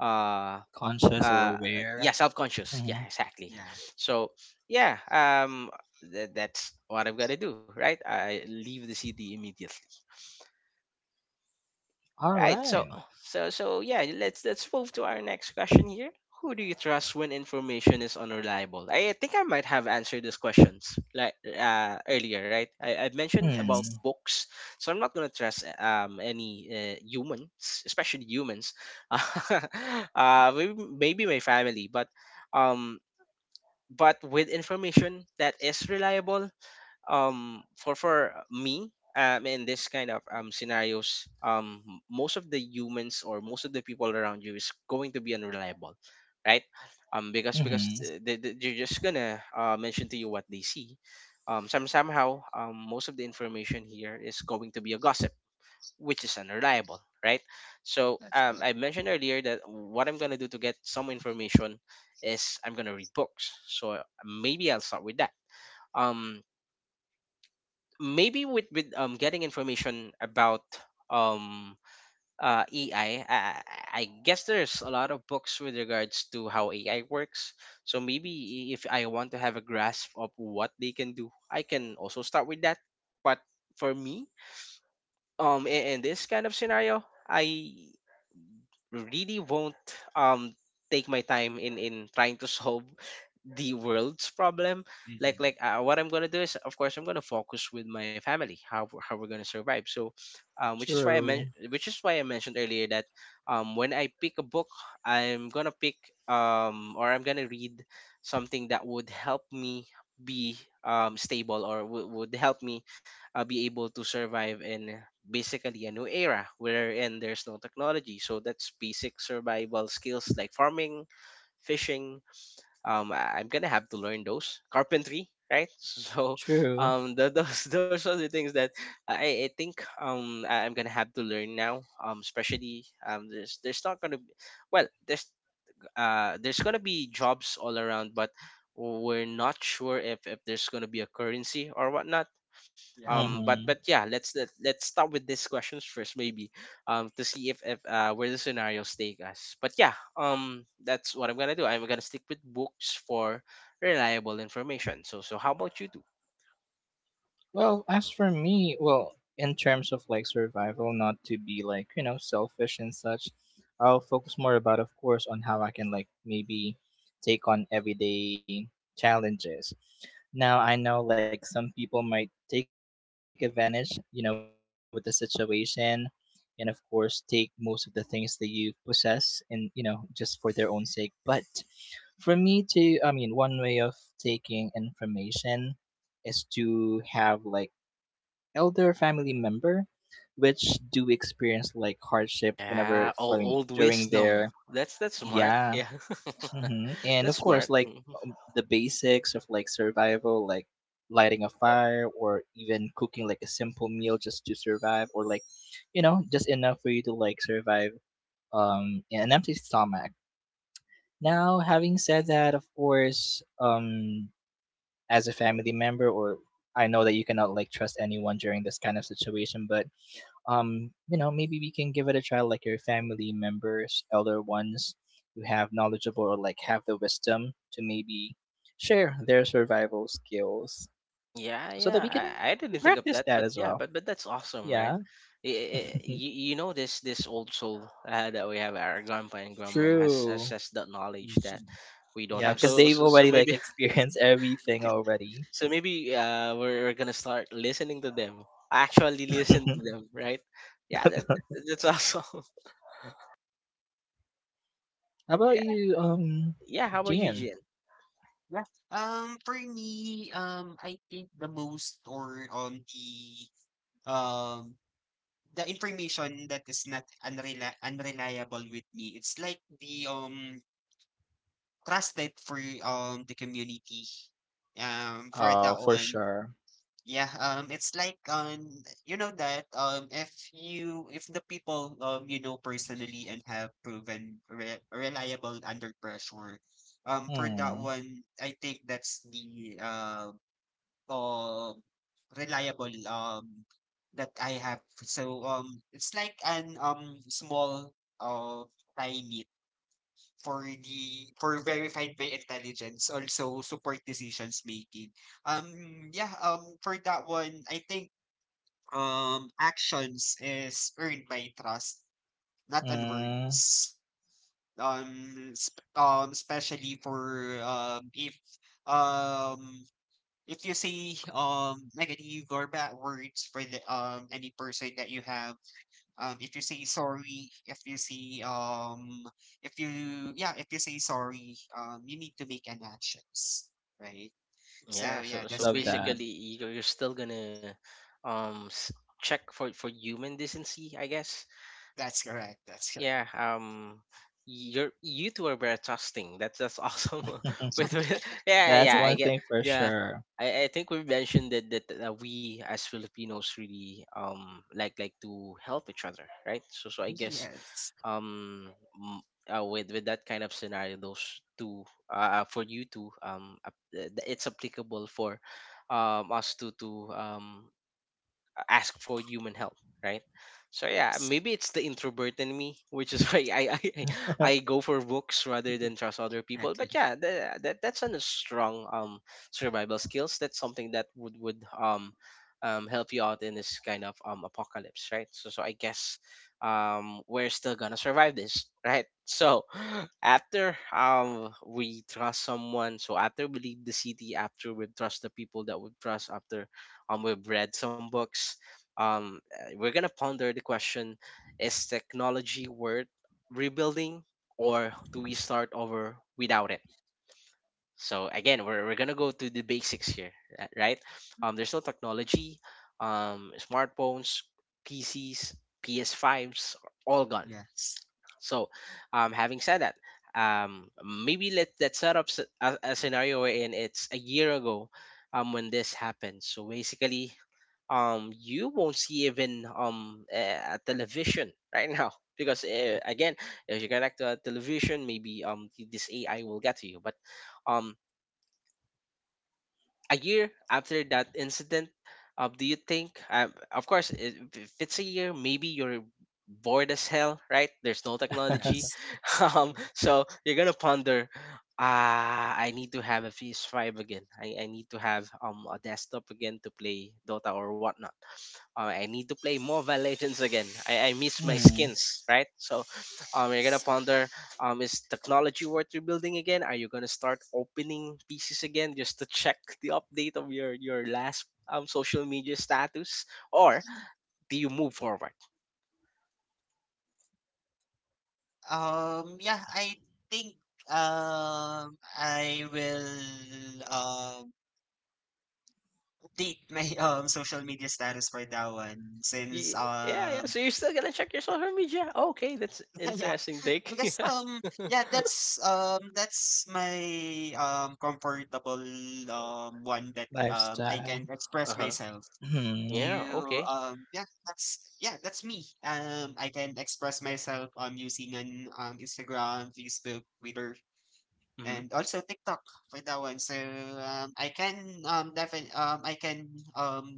S1: uh
S3: Conscious or
S1: uh yeah,
S3: aware.
S1: self-conscious. Yeah,
S3: Mhm.
S1: exactly.
S2: Yeah.
S1: so yeah um th- that's what I've got to do, right? I leave the city immediately.
S3: All
S1: Right. So
S3: right.
S1: so so yeah, let's let's move to our next question here. Who do you trust when information is unreliable? I think I might have answered these questions like uh, earlier, right? I, I mentioned about
S3: Mhm.
S2: Yes.
S1: books, so I'm not gonna trust um any uh, humans, especially humans. Uh, maybe, maybe my family, but um, but with information that is reliable, um for for me, um in this kind of um scenarios, um m- most of the humans or most of the people around you is going to be unreliable, right? um because because
S3: Mhm.
S2: Yes,
S1: th- th- th- they're just gonna uh, mention to you what they see. um some somehow, um most of the information here is going to be a gossip, which is unreliable, right? so
S2: that's
S1: um
S2: correct.
S1: I mentioned earlier that what I'm gonna do to get some information is I'm gonna read books, so maybe I'll start with that. um Maybe with with um getting information about um uh AI. I, I, I guess there's a lot of books with regards to how A I works. So maybe if I want to have a grasp of what they can do, I can also start with that. But for me, um, in, in this kind of scenario, I really won't um take my time in in trying to solve the world's problem, like
S2: Mhm.
S1: like uh, what I'm gonna do is, of course, I'm gonna focus with my family, how, we're- how we're gonna survive. So
S3: True.
S1: um, which is why i men- which is why I mentioned earlier that um, when I pick a book, I'm gonna pick, um, or I'm gonna read, something that would help me be um, stable, or w- would help me uh, be able to survive in basically a new era wherein there's no technology. So that's basic survival skills like farming, fishing. um I- I'm gonna have to learn those, carpentry, right? so
S3: True.
S1: um tho- those those are the things that i, I think um I- I'm gonna have to learn now, um especially um there's there's not gonna be, well, there's, uh there's gonna be jobs all around, but we're not sure if if there's gonna be a currency or whatnot.
S2: Yeah.
S1: Um but
S3: Mhm.
S1: but yeah, let's let, let's start with these questions first. Maybe um to see if, if uh where the scenarios take us. But yeah, um that's what I'm gonna do. I'm gonna stick with books for reliable information. So so how about you? Do
S3: Well, as for me, well, in terms of like survival, not to be like, you know, selfish and such, I'll focus more about, of course, on how I can like maybe take on everyday challenges. Now, I know like some people might take advantage, you know, with the situation and of course take most of the things that you possess and, you know, just for their own sake. But for me to, I mean, one way of taking information is to have like elder family member, which do experience like hardship whenever,
S1: yeah
S3: I
S1: old,
S3: mean,
S1: old
S3: during
S1: wisdom,
S3: their,
S1: that's that's smart,
S3: yeah.
S2: Yeah.
S1: yeah.
S3: Hmm. And
S1: That's
S3: of course,
S1: smart.
S3: like
S1: Mm-hmm.
S3: um, the basics of like survival, like lighting a fire or even cooking like a simple meal just to survive or like, you know, just enough for you to like survive um, in an empty stomach. Now, having said that, of course, um, as a family member or I know that you cannot like trust anyone during this kind of situation, but um, you know, maybe we can give it a try, like your family members, elder ones who have knowledgeable or like have the wisdom to maybe share their survival skills
S1: Yeah,
S3: so that we can
S1: yeah. I, I
S3: practice
S1: didn't think
S3: that
S1: of
S3: as
S1: that,
S3: well.
S1: but yeah, but but that's
S3: Yeah.
S1: awesome, right? You, you know this this old soul uh, that we have, our grandpa and grandmom has, has
S3: True.
S1: has that knowledge that
S2: Mhm.
S1: we don't
S3: Yeah,
S1: have.
S3: because
S2: Yes.
S1: So
S3: they've
S1: so, so
S3: already like
S1: maybe.
S3: experienced everything already.
S1: So maybe uh we're, we're gonna start listening to them. Actually
S3: How
S1: listen to them, right? Yeah, that that's awesome.
S3: about
S1: Yeah,
S3: you, um,
S1: yeah. How about you,
S3: Gian?
S1: Jin?
S2: Yeah. Um, for me, um, I think the most or um the um the information that is not unreli unreliable with me, it's like the um trusted for um the community um for
S3: Oh,
S2: that
S3: for
S2: one.
S3: sure.
S2: Yeah, um, it's like um, you know that um, if you if the people um you know personally and have proven re reliable under pressure, um, for that
S3: Hmm.
S2: one, I think that's the uh, uh reliable um that I have. So um, it's like an um small uh limit for the for verified by intelligence, also support decisions making. Um, yeah, um, for that one, I think um actions is earned by trust, not on
S3: Mm,
S2: words. Um, sp- um, especially for um, if um, if you say um negative or bad words for the um any person that you have, um, if you say sorry, if you say um, if you yeah, if you say sorry, um, you need to make an actions, right? So
S1: Yeah.
S2: yeah,
S1: So so
S2: that's for
S3: love that.
S2: me.
S1: basically, you're, you're still gonna um s- check for for human decency, I guess.
S2: That's correct. That's correct.
S1: Yeah, um you're you two are very trusting. That's that's awesome. with, with yeah,
S3: That's
S1: yeah, I
S3: one
S1: get
S3: thing for
S1: yeah.
S3: sure.
S1: I, I think we mentioned that, that that uh, we as Filipinos really um like like to help each other, right? So so I guess
S2: Yes.
S1: um m- uh, with with that kind of scenario, those two uh uh, for you two um ap- uh, th- it's applicable for um us to to um ask for human help, right? So yeah,
S2: Yes.
S1: maybe it's the introvert in me, which is why i i, I I go for books rather than trust other people.
S2: Okay.
S1: But yeah, the, that that's a strong um survival skills. That's something that would would um um, help you out in this kind of um, apocalypse, right? So, so I guess um, we're still gonna survive this, right? So, after um we trust someone, so after we leave the city, after we trust the people that we trust, after um we've read some books, um, uh, we're gonna ponder the question: Is technology worth rebuilding, or do we start over without it? So again, we're, we're gonna go to the basics here, uh, right? Um, there's no technology, um, smartphones, P Cs, P S fives, all gone.
S2: Yes.
S1: So, um, having said that, um, maybe let let's set up s- a, a scenario wherein it's a year ago, um, when this happened. So basically, um you won't see even um a, a television right now, because uh, again, if you connect to a television, maybe um th- this AI will get to you. But um a year after that incident, uh, do you think, um, of course, if if it's a year, maybe you're bored as hell, right? There's no technology.
S2: Yes.
S1: Um so you're gonna ponder, ah, I need to have a P S five again. I, I need to have um a desktop again to play dota or whatnot. uh, I need to play Mobile Legends again. I, I miss my
S3: Hmm,
S1: skins, right? So, um, you're gonna ponder, um, is technology worth rebuilding again? Are you gonna start opening pieces again just to check the update of your your last um social media status, or do you move forward?
S2: Um, yeah, I think um I will um update my um social media status for that one since
S1: Ye- Yeah, yeah.
S2: um
S1: So you're still gonna check your social media? Okay, that's
S2: yeah,
S1: interesting, Dick.
S2: because
S1: Yeah.
S2: um yeah that's um that's my um comfortable um one that um I can
S3: lifestyle.
S1: Uh
S2: express
S1: huh.
S2: myself.
S1: Yeah.
S3: Hmm.
S2: You
S1: Okay.
S2: um Yeah, that's yeah, that's me. um I can express myself um using an um Instagram, Facebook, Twitter,
S1: Mhm.
S2: and also TikTok for that one. So um I can um definitely um I can um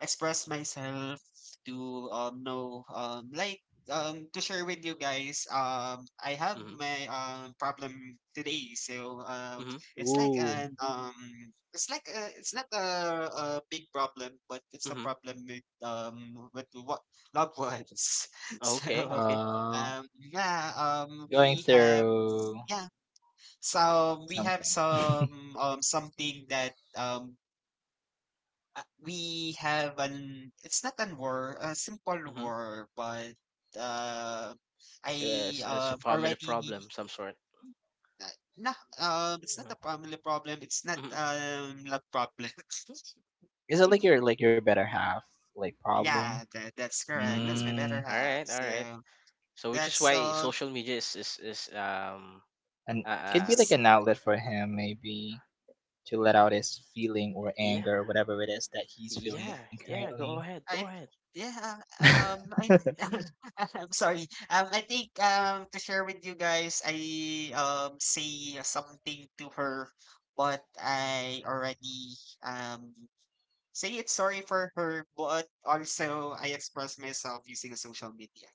S2: express myself to um know um like um to share with you guys, um I have
S1: Mhm.
S2: my um problem today. So um
S1: Mhm.
S2: it's like
S3: Ooh.
S2: an um it's like a, it's not a, a big problem, but it's a
S1: Mhm.
S2: problem with um with what, loved ones.
S1: Okay.
S2: So
S1: Okay.
S3: Uh,
S2: um yeah um
S3: going
S2: we have,
S3: through
S2: yeah, so we have
S3: something.
S2: some um something that um uh, we have an, it's not an war, a simple
S1: Mhm.
S2: war, but uh, I
S1: Uh, it's, it's a
S2: um
S1: family
S2: already
S1: problem, some sort.
S2: uh, nah um it's not a family problem. It's not
S1: Mm-hmm.
S2: um love problem.
S3: Is it like your like your better half like problem?
S2: Yeah, that, that's correct. That's
S1: Mm.
S2: my better
S3: Mm,
S1: All
S2: half.
S1: right, all
S2: So
S1: right. So which is
S2: that's
S1: why
S2: um
S1: social media is is, is um
S3: and
S1: uh,
S3: could be
S1: uh
S3: like
S2: yes.
S3: an outlet for him maybe to let out his feeling or
S1: yeah,
S3: anger or whatever it is that he's feeling
S2: Yeah.
S1: yeah. Yeah,
S3: currently.
S1: go ahead, go
S2: I
S1: ahead.
S2: yeah, um I I'm sorry. Um I think um to share with you guys, I um say something to her but I already um say it's sorry for her, but also I express myself using social media.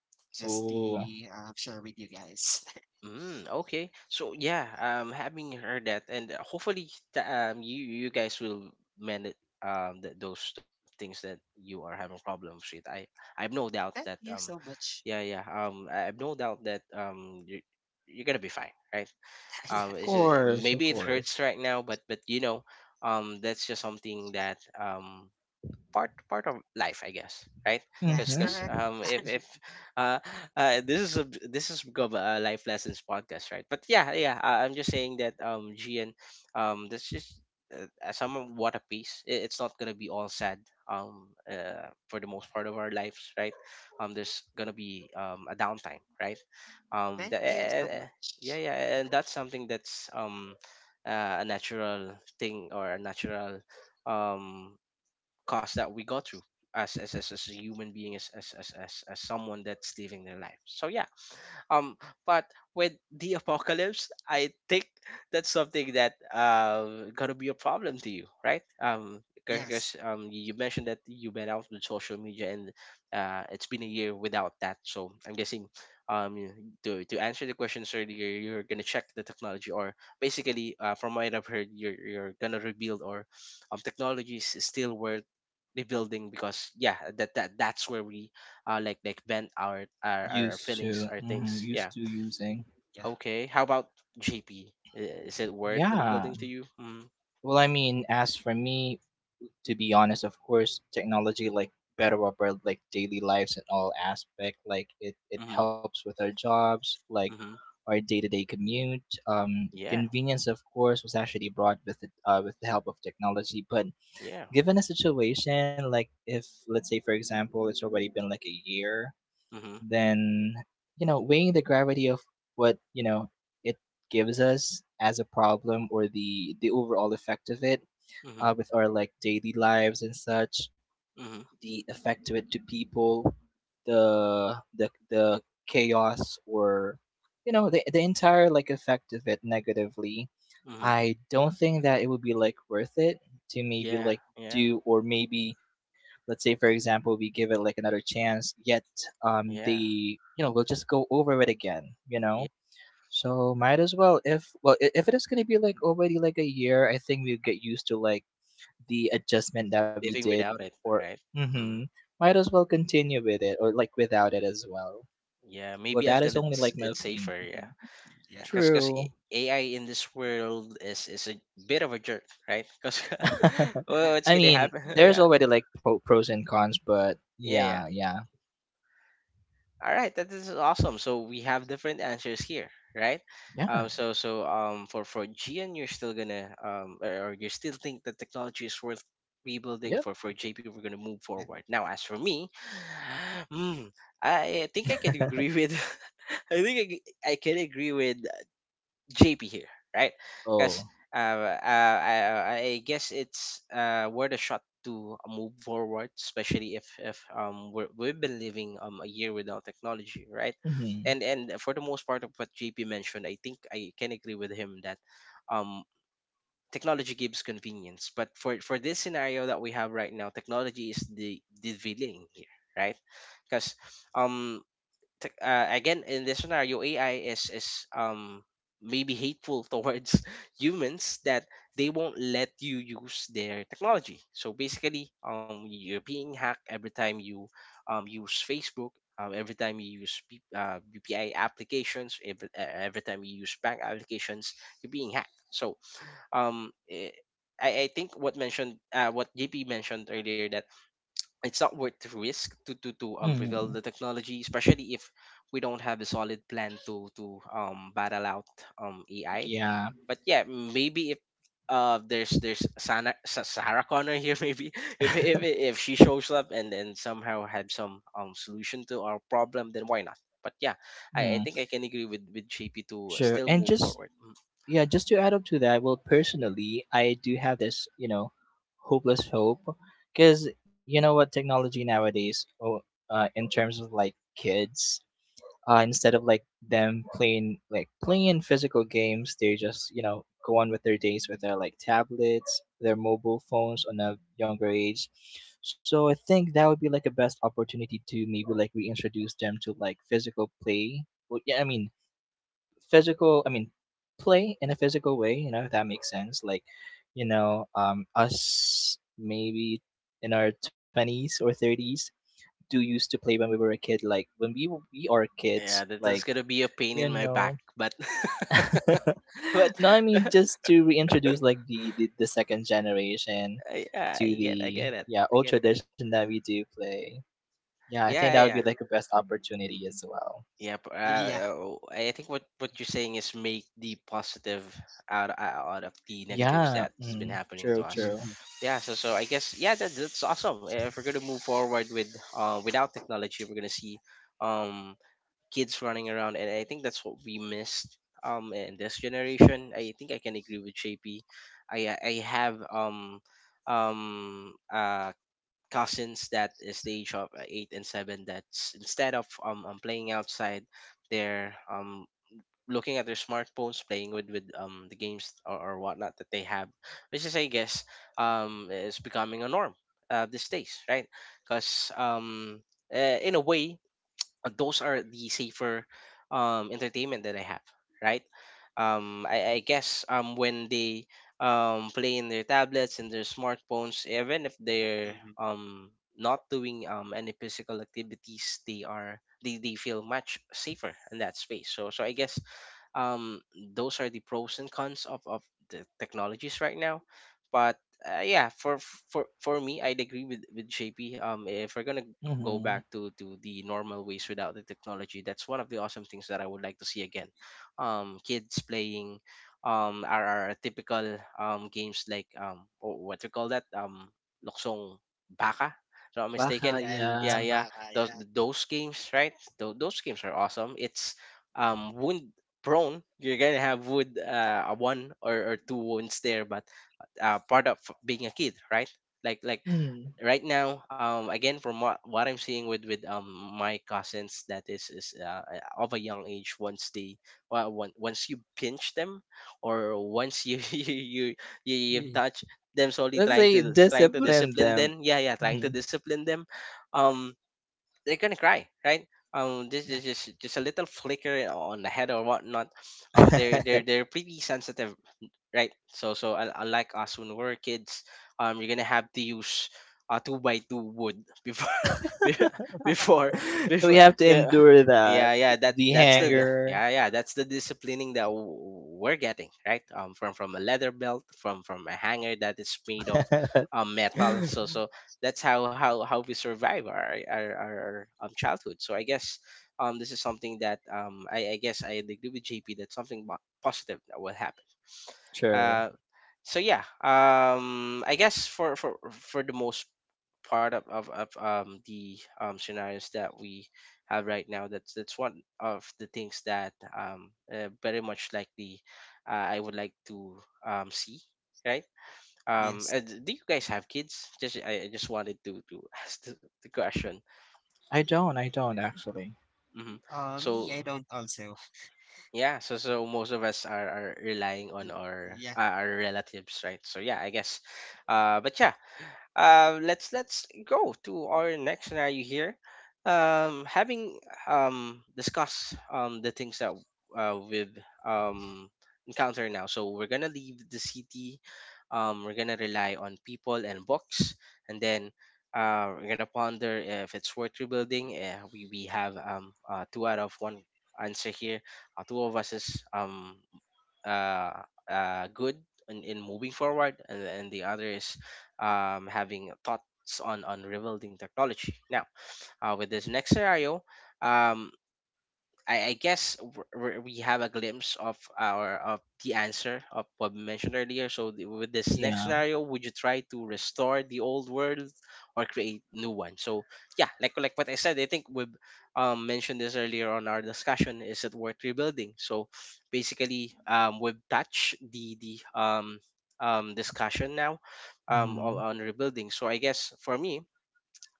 S3: Ooh. Of
S2: Just to um, share with you guys.
S1: Mm, okay. So yeah, um having heard that and hopefully th- um you you guys will mend it, um th- those uh, things that you are having problems with. I I've no doubt
S2: Thank
S1: that
S2: you
S1: um
S2: so much.
S1: yeah yeah um I- I've no doubt that um you you're gonna be fine, right?
S2: Yeah,
S1: Um it's ju- maybe
S3: course,
S1: it
S3: of
S1: hurts right
S3: course.
S1: now, but but you know, um that's just something that, um part part of life, I guess, right?
S2: that's
S1: Because
S3: Hmm.
S2: correct.
S1: um if if uh, uh this is a this is become a life lessons podcast, right? But yeah, yeah, I, I'm just saying that, um gian, um this just uh, uh, some of what a piece. I- it's not gonna be all sad, um uh, for the most part of our lives, right? Um there's gonna be um a downtime, right? um
S2: Thank
S1: the, eh,
S2: you
S1: eh,
S2: so
S1: eh, Yeah,
S2: much.
S1: yeah. And that's something that's um uh, a natural thing or a natural um cost that we go through as as as, as a human being, as as, as as as someone that's living their life. So yeah, um but with the apocalypse, I think that's something that um gonna be a problem to you, right? Um
S2: Yes.
S1: because um you mentioned that you went out with social media, and uh it's been a year without that, so I'm guessing um you- to, to answer the questions earlier, you're gonna check the technology, or basically uh, from what I've heard, you're, you're gonna rebuild, or um technology is still worth rebuilding, because yeah, that, that that's where we uh like like vent our our, our
S3: Used
S1: feelings,
S3: to,
S1: our
S3: mhm,
S1: things,
S3: used
S1: yeah.
S3: to using.
S2: Yeah.
S1: Okay, how about jp, is it worth
S3: Yeah.
S1: rebuilding to you? Mm-hmm.
S3: Well, I mean, as for me, to be honest, of course, technology like better up our like daily lives in all aspect. Like it, it
S1: Mm-hmm,
S3: helps with our jobs, like
S1: mm-hmm.
S3: our day to day commute. Um,
S1: Yeah,
S3: convenience, of course, was actually brought with the, uh, with the help of technology. But
S1: yeah.
S3: given a situation like if, let's say, for example, it's already been like a year
S1: Mm-hmm.
S3: then you know weighing the gravity of what you know it gives us as a problem or the the overall effect of it uh,
S1: Mm-hmm.
S3: with our like daily lives and such
S1: Mm-hmm.
S3: the effect of it to people, the the the chaos or you know the the entire like effect of it negatively.
S1: Mm-hmm.
S3: I don't think that it would be like worth it to maybe
S1: Yeah,
S3: like
S1: yeah.
S3: do or maybe let's say for
S2: Yeah.
S3: example we give it like another chance yet um
S1: Yeah,
S3: they you know will just go over it again you know
S1: yeah,
S3: so might as well if well i- if it is going to be like already like a year I think we get used to like the adjustment that we
S1: living
S3: did
S1: without it,
S3: for
S1: right? Mm-hmm.
S3: mm-hmm, might as well continue with it or like without it as well.
S1: Yeah,
S3: Well,
S1: maybe
S3: that
S1: until
S3: is only like
S1: it's
S3: my
S1: it's
S3: opinion.
S1: safer. Yeah.
S3: Mhm.
S2: Yeah.
S1: Yeah because because
S3: True.
S1: AI in this world is is a bit of a jerk, right? Because well, it's
S3: I
S1: gonna
S3: mean,
S1: happen.
S3: there's
S1: Yeah.
S3: already like pro- pros and cons, but
S1: Yeah.
S3: yeah, yeah,
S1: All right, that is awesome. So we have different answers here, right? Um,
S3: yeah,
S1: so so um, for for Gian, you're still gonna, um, or, or you still think that technology is worth rebuilding.
S3: yep.
S1: For for J P, we're gonna move
S2: yeah.
S1: forward. Now, as for me, hmm, I think I can agree with. I think I, g- I can agree with J P here, right? Because
S3: Oh,
S1: uh, uh, I, I guess it's uh, worth a shot to uh, move forward, especially if if um we're, we've been living um a year without technology, right?
S3: mm-hmm.
S1: And and for the most part of what J P mentioned, I think I can agree with him that um technology gives convenience, but for for this scenario that we have right now, technology is the the villain here, right? Because um tech- uh, again in this scenario ai is is um maybe hateful towards humans that they won't let you use their technology. So basically um you're being hacked every time you um use facebook, um, every time you use P- uh, bpi applications, every, uh, every time you use bank applications you're being hacked. So um eh, I, I think what mentioned uh, what J P mentioned earlier that it's not worth the risk to to to um reveal
S3: Mm,
S1: the technology, especially if we don't have a solid plan to to um battle out um A I.
S3: yeah,
S1: But yeah, maybe if uh there's there's Sana, Sa- Sarah Connor here, maybe if if if she shows up and then somehow had some um solution to our problem, then why not? But yeah, I, I
S3: mm.
S1: think I can agree with with J P to
S3: True.
S1: still
S3: And
S1: move
S3: just
S1: forward. Mm.
S3: yeah, just to add up to that, well, personally, I do have this, you know, hopeless hope because you know what technology nowadays, oh, uh, in terms of like kids, uh, instead of like them playing like playing physical games, they just you know go on with their days with their like tablets, their mobile phones on a younger age. So I think that would be like a best opportunity to maybe like reintroduce them to like physical play. Well, yeah, I mean physical I mean play in a physical way you know if that makes sense like you know um us maybe in our twenties or thirties do used to play when we were a kid like when we w- we are
S1: Yeah,
S3: kids
S1: that, that's
S3: like
S1: gonna be a pain
S3: you
S1: in my back,
S3: know.
S1: but but
S3: No I mean just to reintroduce like the the, the second generation
S1: I, yeah, I
S3: to
S1: get, I
S3: the
S1: get it,
S3: yeah
S1: I
S3: old
S1: get that.
S3: tradition that we do play. Yeah I think that
S1: Yeah,
S3: would be
S1: yeah,
S3: like a best opportunity as well.
S1: yeah. p- Uh,
S2: Yeah.
S1: uh, I think what what you're saying is make the positive out uh, out of the negatives
S3: Yeah,
S1: that has been
S3: mm,
S1: happening to
S3: true
S1: us.
S3: true.
S2: hmm
S1: Yeah, so so I guess yeah, that, that's awesome. If we're gonna move forward with uh without technology, we're gonna see um kids running around, and I think that's what we missed um in this generation. I think I can agree with jp. I i have um um uh cousins that is the age of eight and seven, that's instead of um, um playing outside they're um looking at their smartphones, playing with with um the games, or, or whatnot that they have, which is I guess um is becoming a norm uh these days, right? Because um uh, in a way uh, those are the safer um, entertainment that I have, right? Um, I, I guess um, when they um, play in their tablets and their smartphones, even if they're um, not doing um, any physical activities, they are they, they feel much safer in that space. So so I guess um those are the pros and cons of of the technologies right now. But uh, yeah, for for for me I'd agree with with jp. Um if we're gonna
S3: Hmm.
S1: go back to to the normal ways without the technology, that's one of the awesome things that I would like to see again. Um kids playing um our, our typical um games, like um wh- what do you call that, um loksong, baka, if I'm not
S3: Baka,
S1: mistaken.
S2: Ayan,
S3: yeah.
S1: yeah
S2: luksong
S1: yeah those
S2: yeah.
S1: Those games, right? Tho- those games are awesome. It's um wound prone. You're gonna have wound uh, a one or, or two wounds there, but uh, part of being a kid, right? like like
S3: Mm-hmm.
S1: right now, um again from what, what I'm seeing with with um my cousins, that is is uh, uh, of a young age. Once they well, on- once you pinch them or once you you you, you you
S2: Mm,
S1: touch them, solely
S3: Let's
S1: trying
S3: say
S1: to trying to
S3: discipline
S1: discipline
S3: them.
S1: them. Yeah yeah trying
S3: Mm-hmm.
S1: to discipline them. um they're gonna cry, right? Um, this
S2: yeah,
S1: is just just a little flicker on the head or whatnot. Um, they're they're they're pretty sensitive, right? So so un- unlike us when we were kids, um, you're gonna have to use uh two by two wood before be- before
S3: We
S1: before.
S3: have to
S1: be-
S3: endure that.
S1: Yeah, yeah, that
S3: The
S1: that's
S2: yeah,
S1: the
S2: yeah,
S1: the-
S3: hanger.
S1: yeah yeah that's the disciplining that w- we're getting, right? Um, from from a leather belt, from from a hanger that is made of um metal. So so that's how how how we survive our our, our um childhood. So I guess um this is something that um I I guess I agree with J P, that's something po- positive that will happen.
S3: True.
S1: uh, so yeah, um, I guess for for for the most part of of, of um the um scenarios that we have right now, that's that's one of the things that um uh, very much likely uh, I would like to um see, right? Um,
S2: yes.
S1: uh, d- do you guys have kids? Just I I just wanted to to ask the, the question.
S3: I don't. I don't actually.
S1: Hmm.
S2: Uh, me,
S1: So.
S2: I don't also.
S1: Yeah, so so most of us are, are relying on
S2: Mm,
S1: our
S2: yeah,
S1: uh, our relatives, right? So yeah, I guess. Uh, but yeah, uh, let's let's go to our next scenario here. Um, having um discussed um the things that uh, we've um encountered now, so we're gonna leave the city. Um, we're gonna rely on people and books, and then. Uh, we're gonna ponder if it's worth rebuilding. Uh, we we have um uh, two out of one answer here. Uh, two of us is um uh, uh good in, in moving forward, and, and the other is um having thoughts on on rebuilding technology now. Uh, with this next scenario, um I, I guess w- w- we have a glimpse of our of the answer of what we mentioned earlier. So the- with this next
S3: Yeah.
S1: scenario, would you try to restore the old world or create new one? So yeah, like like what I said, I think we um, mentioned this earlier on our discussion. Is it worth rebuilding? So basically, um, we've touched the the um, um, discussion now um, on,
S3: Hmm.
S1: on rebuilding. So I guess for me,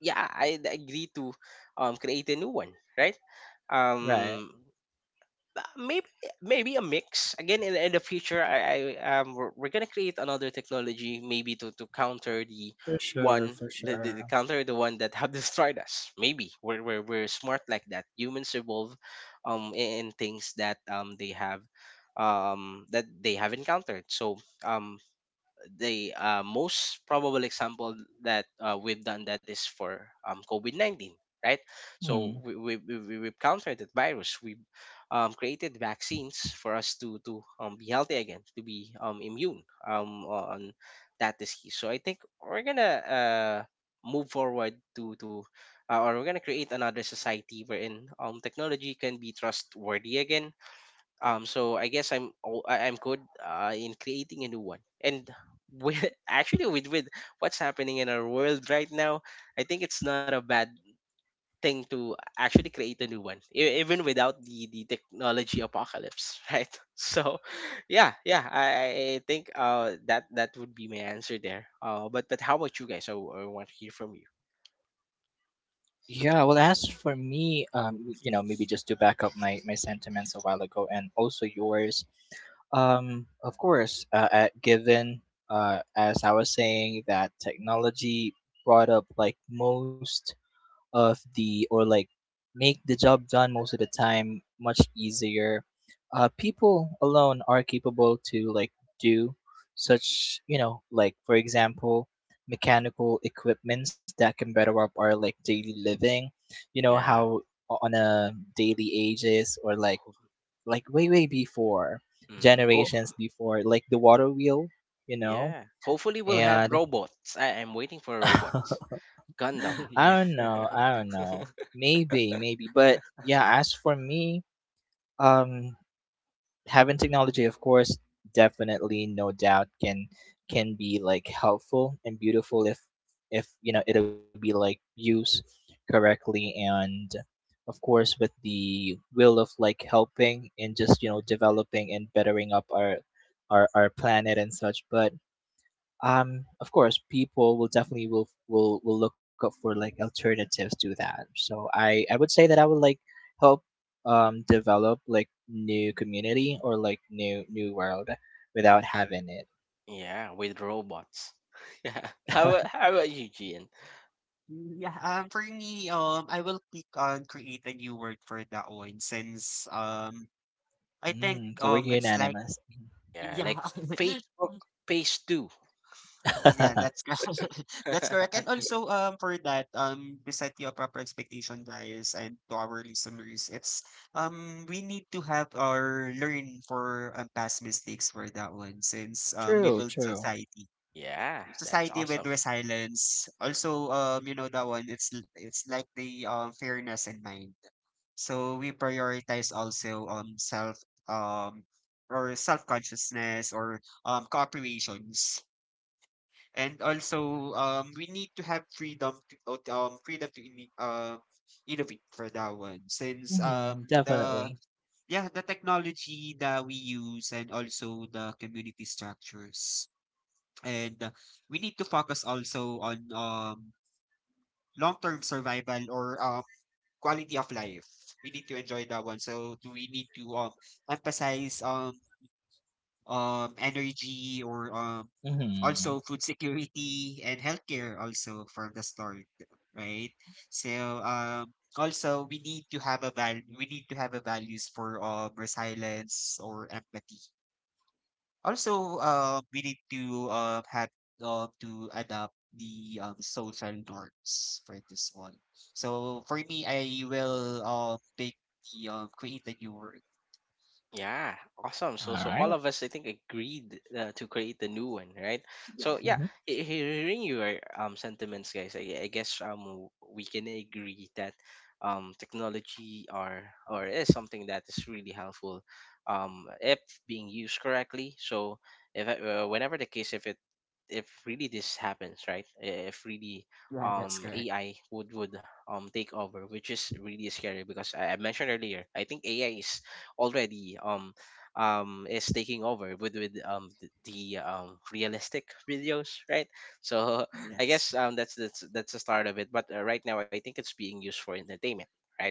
S1: yeah, I agree to um, create a new one, right?
S3: Right.
S1: um uh, Maybe maybe a mix again in, in the future. i, I um we're, we're gonna create another technology maybe to, to counter the
S3: For sure.
S1: one,
S3: For
S1: the, the, the
S3: sure.
S1: counter the one that have destroyed us. Maybe we're, we're we're smart like that. Humans evolve um in, in things that um they have um that they have encountered. So um the uh, most probable example that uh, we've done that is for um, COVID nineteen, right? So
S3: Hmm.
S1: we, we, we, we- we've countered that virus. We um, created vaccines for us to, to um, be healthy again, to be um, immune um, on that disease. So I think we're going to uh, move forward to, to uh, or we're going to create another society wherein um, technology can be trustworthy again. Um so I guess i'm all- I- I'm good uh, in creating a new one. And with actually with with what's happening in our world right now, I think it's not a bad thing to actually create a new one, e- even without the the technology apocalypse. Right? So yeah yeah i i I think uh that that would be my answer there. uh but but how about you guys? i, w- I want to hear from you.
S3: Yeah, well, as for me, um, you know, maybe just to back up my my sentiments a while ago and also yours, um, of course, uh, at given, uh, as I was saying, that technology brought up like most of the or like make the job done most of the time much easier. Uh, people alone are capable to like do such you know like for example mechanical equipments that can better up our like daily living. You know
S1: Yeah.
S3: how o- on a daily ages or like like way way before
S1: Mm. Ho-
S3: generations before like the water wheel you know
S1: yeah, hopefully we'll have
S3: and.
S1: robots. I am waiting for robots. Gundam.
S3: I
S2: yeah.
S3: don't know. I don't know. Maybe, maybe. But yeah, as for me, um, having technology, of course, definitely, no doubt, can can be like helpful and beautiful if if you know it'll be like used correctly and of course with the will of like helping and just you know developing and bettering up our our, our planet and such. But um of course people will definitely will will will look up for like alternatives to that, so i i would say that I would like help um develop like new community or like new new world without having it.
S1: Yeah, with robots. Yeah. How about, how about you, Gian?
S2: Yeah, um, for me, um, I will click on create a new word for that one since, um, I think,
S3: Mm, so we're
S2: um, it's like,
S3: unanimous.
S1: Yeah,
S2: yeah,
S1: like Facebook Page two.
S2: yeah, that's cor- that's correct. And also, um, for that, um, to set your proper expectation, guys, and to our listeners, it's um, we need to have or learn for um, past mistakes for that one, since um, we
S3: True,
S2: build
S3: true.
S2: society,
S1: Yeah, that's
S2: society with
S1: awesome.
S2: resilience. Also, um, you know that one. It's l- it's like the um fairness in mind. So we prioritize also um self um or self consciousness or um cooperations, and also um we need to have freedom to out- um freedom to inno- uh, innovate for that one since
S3: Hmm,
S2: um the
S3: definitely.
S2: yeah the technology that we use, and also the community structures, and uh, we need to focus also on um long-term survival or um quality of life. We need to enjoy that one, so we need to um emphasize um um energy or um
S3: Mm-hmm.
S2: also food security and healthcare also from the start, right? So um also we need to have a val we need to have a values for um resilience or empathy. Also um we need to uh, have um to adapt the um social norms for this one. So for me, I will um pick the um create a new word.
S1: Yeah,
S3: All
S1: awesome. So, so
S3: right.
S1: all of us, I think, agreed uh, to create the new one, right?
S2: Yeah,
S1: So,
S3: Mm-hmm.
S1: yeah, he- hearing your um sentiments, guys, I, I guess um w- we can agree that um technology or or is something that is really helpful, um if being used correctly. So, if uh, whenever the case, if it, if really this happens, right? If really
S2: yeah, that's
S1: um
S2: correct.
S1: A I would would um take over, which is really scary because I, I mentioned earlier, I think A I is already um um is taking over with with um the, the um realistic videos, right? So I
S2: Yes.
S1: guess um that's that's that's the start of it. But uh, right now, I think it's being used for entertainment, right?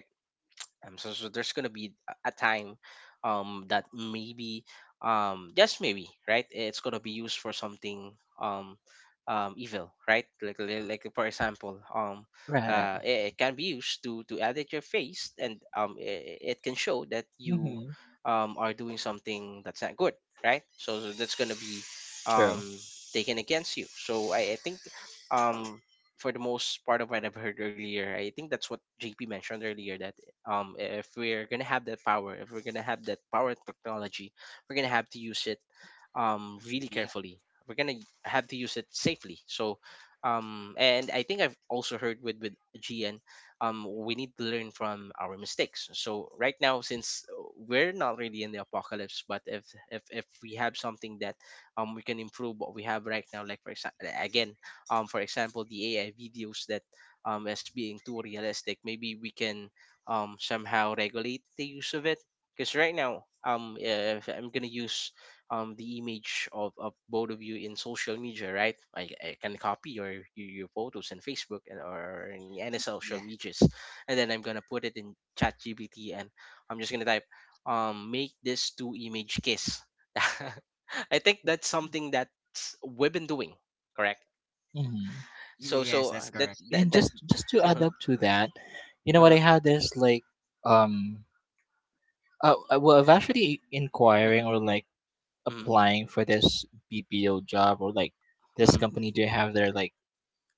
S1: Um, so, so there's gonna be a time um that maybe, um just maybe, right, it's gonna be used for something um um evil, right? Like li- like for
S3: Right.
S1: example, um uh it, it can be used to to edit your face and um it, it can
S3: Mm-hmm.
S1: show that you um are doing something that's not good, right? So, so that's gonna be
S3: True.
S1: um taken against you. So I, I think, um for the most part of what I've heard earlier, I think that's what J P mentioned earlier, that um if we're gonna have that power, if we're gonna have that power technology, we're gonna have to use it um really
S2: Yeah,
S1: carefully. We're gonna have to use it safely. So um and I think I've also heard with with G N, um we need to learn from our mistakes. So right now, since we're not really in the apocalypse, but if if if we have something that um we can improve what we have right now, like for example again, um for example, the AI videos that um as being too realistic, maybe we can um somehow regulate the use of it. Because right now, um if I'm gonna use um the image of, of both of you in social media, right, i, I can copy your your your photos in Facebook and or in any social
S2: yeah.
S1: medias, and then I'm gonna put it in chat G P T and I'm just gonna type, um make this two image kiss. I think that's something that we've been doing, correct?
S3: Mm-hmm.
S1: so
S2: Yes,
S1: so
S2: that's
S1: uh, that
S2: correct.
S1: that
S3: And
S1: that
S3: just just to add
S1: Uh-huh.
S3: up to that, you know what,
S1: Uh-huh.
S3: I had this like um Uh, uh, well, I've actually inquiring or like applying for this B P O job or like this
S1: Hmm.
S3: company. Do have their like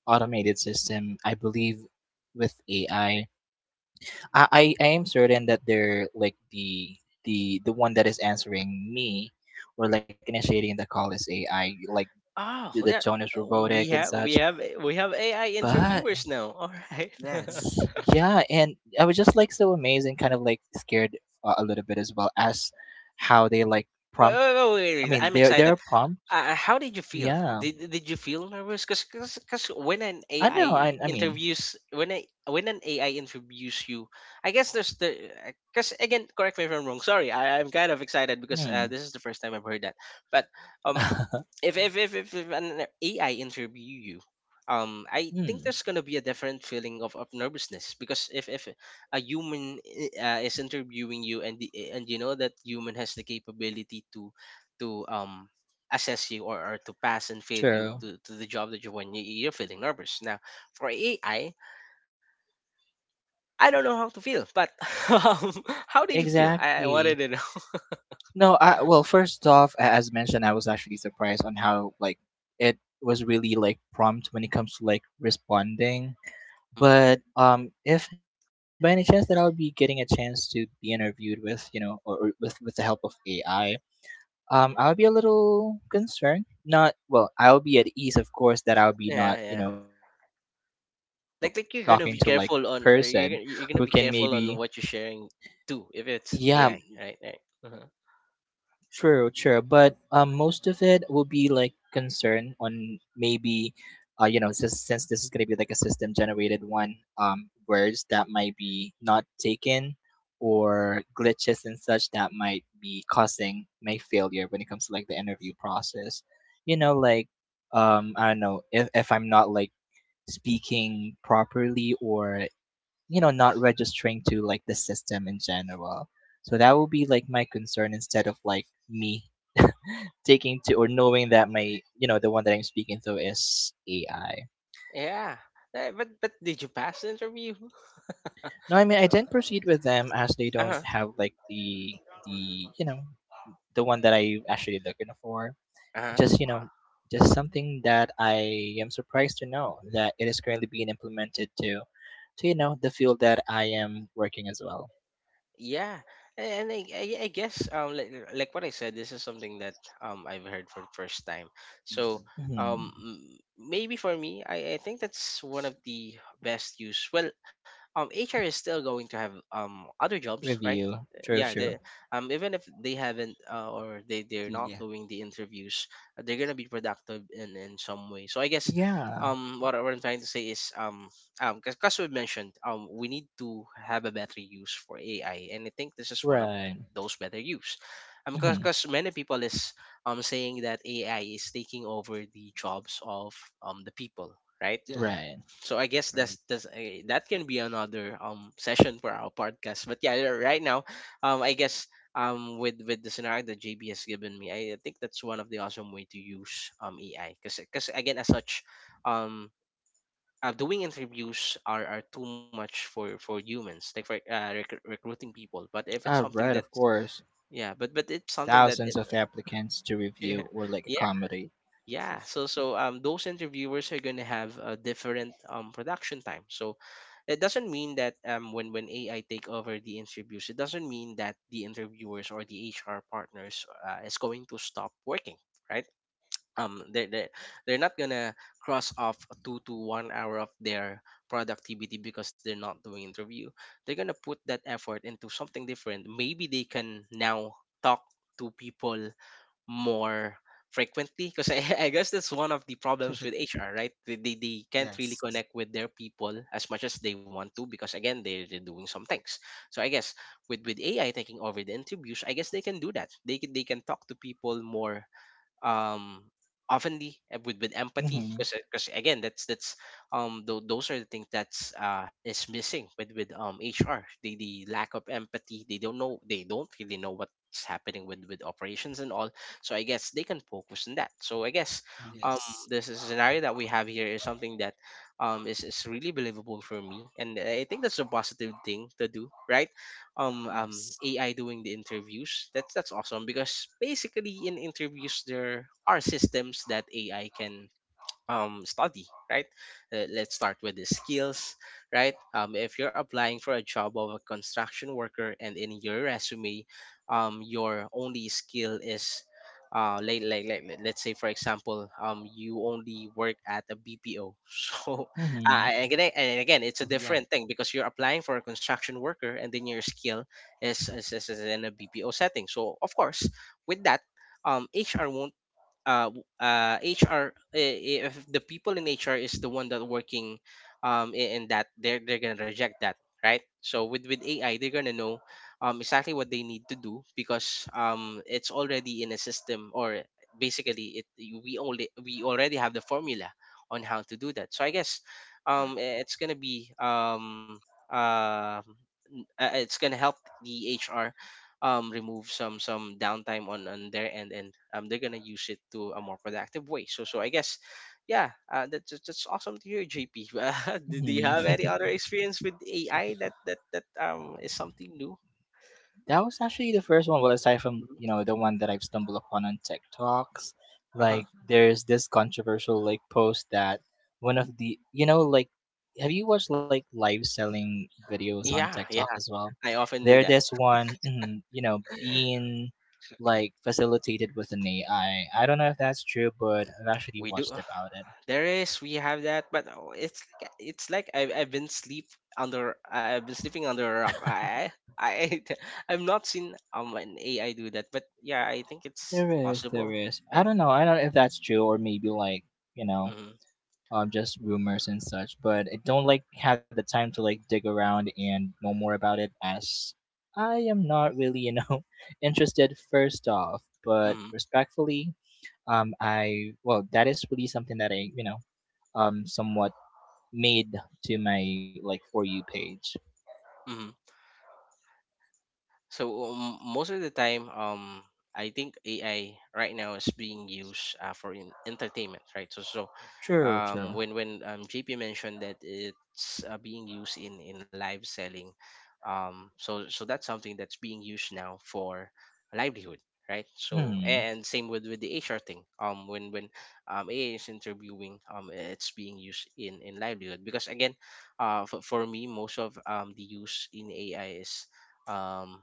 S3: automated system? I believe with A I. I, I, I, I am certain that they're like the the the one that is answering me or like initiating the call is A I. Like
S1: Oh,
S3: the, the
S1: well, yeah.
S3: tone is
S1: We
S3: robotic and
S1: have we
S3: such.
S1: have we have A I interviewers
S3: But
S1: now. All right. wait,
S2: Yes.
S3: y- yeah, and I was just like so amazed and kind of like scared uh, a little bit as well as how they like,
S1: wait, wait,
S3: I
S1: wait, wait,
S3: mean,
S1: I'm
S3: they're they're
S1: excited.
S3: prompt.
S1: Uh, uh, how did you feel?
S3: Yeah,
S1: Did did you feel nervous? Cause, cause, 'cause when an
S3: I know.
S1: A I
S3: I I mean,
S1: interviews, when I when an A I interviews you, I guess there's the uh, cause again, correct me if I'm wrong. Sorry, I, I'm kind of excited because uh, this is
S3: hmm.
S1: the first time I've heard that. But um, if if if, if, if an A I interview you, um, I think there's
S3: Hmm.
S1: gonna be a different feeling of, of nervousness. Because if if a human eh, uh, is interviewing you, and the, eh, and you know that human has the capability to to um assess you, or, or to pass and fail you to,
S3: True.
S1: to the job that you want, you- you're feeling nervous now. For AI, i I don't know how to feel, but um, how did you feel? I, I wanted to
S3: Exactly.
S1: know.
S3: No, I, well, first off, a- as mentioned, I was actually surprised on how like it was really like prompt when it comes to like responding.
S1: Mhm.
S3: But um, if by any chance that I'll be getting a chance to be interviewed with, you know, or, or with with the help of A I, um, I'll be a little concerned. Not, well, I'll be at ease, of course, that I'll be
S1: Yeah,
S3: not, you
S1: yeah.
S3: know, talking to like
S1: like
S3: person
S1: like you're gonna
S3: who
S1: be
S3: can
S1: careful on,
S3: maybe,
S1: or you're gonna, you're gonna be careful on what you're
S3: yeah,
S1: sharing too if it's A I, right? Right. Uh-huh.
S3: true, true. But um, most of it will be like concern on maybe, uh, you know, since, since this is gonna be like a system generated one, um, words that might be not taken, or glitches and such that might be causing my failure when it comes to like the interview process. You know, like, um, I don't know if if I'm not like speaking properly or you know not registering to like the system in general, so that will be like my concern instead of like me taking to or knowing that my, you know, the one that I'm speaking to is AI.
S1: Yeah. Eh, but but did you pass the interview?
S3: No, I mean, I didn't proceed with them as they
S1: Uh
S3: don't
S1: huh.
S3: have like the the you know, the one that I actually looking for.
S1: Uh huh.
S3: Just you know, just something that I am surprised to know that it is currently being implemented to to you know the field that I am working as well.
S1: Yeah, and I, I, I guess, um like, like what I said, this is something that um I've heard for the first time. So
S2: Mhm.
S1: um
S3: Hmm.
S1: m- maybe for me, I, I think that's one of the best use. Well, um H R is still going to have um other jobs, right?
S3: Review.
S1: Uh,
S3: True,
S1: Yeah,
S3: true.
S1: they, um even if they haven't uh, or they they're not
S2: Yeah.
S1: doing the interviews, uh, they're gonna be productive in in some way. So I guess,
S3: Yeah,
S1: um what, I- what I'm trying to say is, um um because we mentioned, um we need to have a better use for A I, and I think this is one of
S3: right.
S1: those better use. Um
S3: Hmm.
S1: because many people is um saying that A I is taking over the jobs of um the people, right?
S2: Yeah.
S3: Right.
S1: So I guess
S2: Right.
S1: that's that's uh, that can be another um session for our podcast. But yeah, right now, um I guess, um with with the scenario that J B has given me, I, I think that's one of the awesome way to use um A I. because because again, as such, um uh, doing interviews are, are too much for for humans, like for uh, rec- recruiting people. But if it's
S3: Uh,
S1: something
S3: right,
S1: that,
S3: of course.
S1: yeah, but but it's something that it,
S3: Thousands of applicants to review
S1: yeah,
S3: or like a
S1: yeah,
S3: comedy.
S1: yeah. So so um those interviewers are going to have a different um production time. So it doesn't mean that um when when AI take over the interviews, it doesn't mean that the interviewers or the H R partners uh, is going to stop working, right? um they're, they're they're not gonna cross off two to one hour of their productivity because they're not doing interview. They're gonna put that effort into something different. Maybe they can now talk to people more frequently. Because I, I guess that's one of the problems with H R, right? they, they, they can't really
S2: Yes.
S1: connect with their people as much as they want to, because again, they're, they're doing some things. So I guess, with with AI taking over the interviews, I guess they can do that. They can, they can talk to people more um oftenly, uh, with with empathy.
S3: Mm-hmm.
S1: because because again, that's that's um tho- those are the things that's uh is missing with with um H R, the the lack of empathy. They don't know, they don't really know what's happening with with operations and all. So I guess they can focus on that. So I guess, um
S2: Yes.
S1: this is a scenario that we have here is something that um is, is really believable for me, and I think that's a positive thing to do, right? um um
S2: Yes.
S1: A I doing the interviews. That's that's awesome. Because basically in interviews, there are systems that A I can, um, study, right? Uh, let's start with the skills, right? Um, if you're applying for a job of a construction worker, and in your resume, um, your only skill is, uh, like, like, like, let- let's say, for example, um, you only work at a B P O. So, uh,
S3: Mm-hmm.
S1: and again, and again, it's a
S2: Yeah.
S1: different thing because you're applying for a construction worker, and then your skill is, is, is, is in a B P O setting. So of course, with that, um, H R won't, uh, w- uh, H R, if the people in H R is the one that working um, i- in that, they're, they're going to reject that, right? So with, with A I, they're going to know um, exactly what they need to do, because um, it's already in a system, or basically it we only we already have the formula on how to do that. So I guess,
S2: Right.
S1: um i- it's gonna be um uh, n- uh, it's gonna help the H R um remove some some downtime on on their end. And um they're gonna use it to a more productive way. So so I guess, yeah, uh, that's that's that's awesome to hear, J P. Uh, do, do you have
S3: Mm-hmm.
S1: any other experience with A I, that that that um is something new?
S3: That was actually the first one. Well, aside from you
S1: Mhm.
S3: know the one that I've stumbled upon on TikToks,
S1: Uh-huh.
S3: like there's this controversial like post that one of the you know like, have you watched like live selling videos on
S1: Yeah,
S3: TikTok
S1: yeah,
S3: as well?
S1: I often do
S3: There,
S1: that.
S3: this one, mhm, you know being
S2: Okay.
S3: like facilitated with an A I. I I don't know if that's true, but I've actually
S1: We do.
S3: watched about it.
S1: There is, we have that, but oh, it's like- it's like i've, I've been sleep, under I've been sleeping under a rock. I I I've not seen um an A I do that, but yeah, I think it's
S3: There is, there
S1: possible.
S3: is. I
S1: Right.
S3: don't know. I don't know if that's true, or maybe like, you know,
S1: Mm-hmm.
S3: um, just rumors and such. But I don't like have the time to like dig around and know more about it, as I am not really you know interested first off. But
S1: Mm-hmm.
S3: respectfully, um, I, well that is really something that I, you know, um somewhat made to my like for you page.
S1: Mm-hmm. So um, most of the time, um, I think A I right now is being used uh, for in- entertainment, right? So so
S3: True,
S1: um,
S3: true.
S1: when when um, J P mentioned that it's uh, being used in in live selling. Um, so so that's something that's being used now for livelihood, right? So
S3: Hmm.
S1: and same with with the H R thing. Um, when when um, A I is interviewing, um, it's being used in in livelihood. Because again, uh, for, for me, most of um the use in A I is, um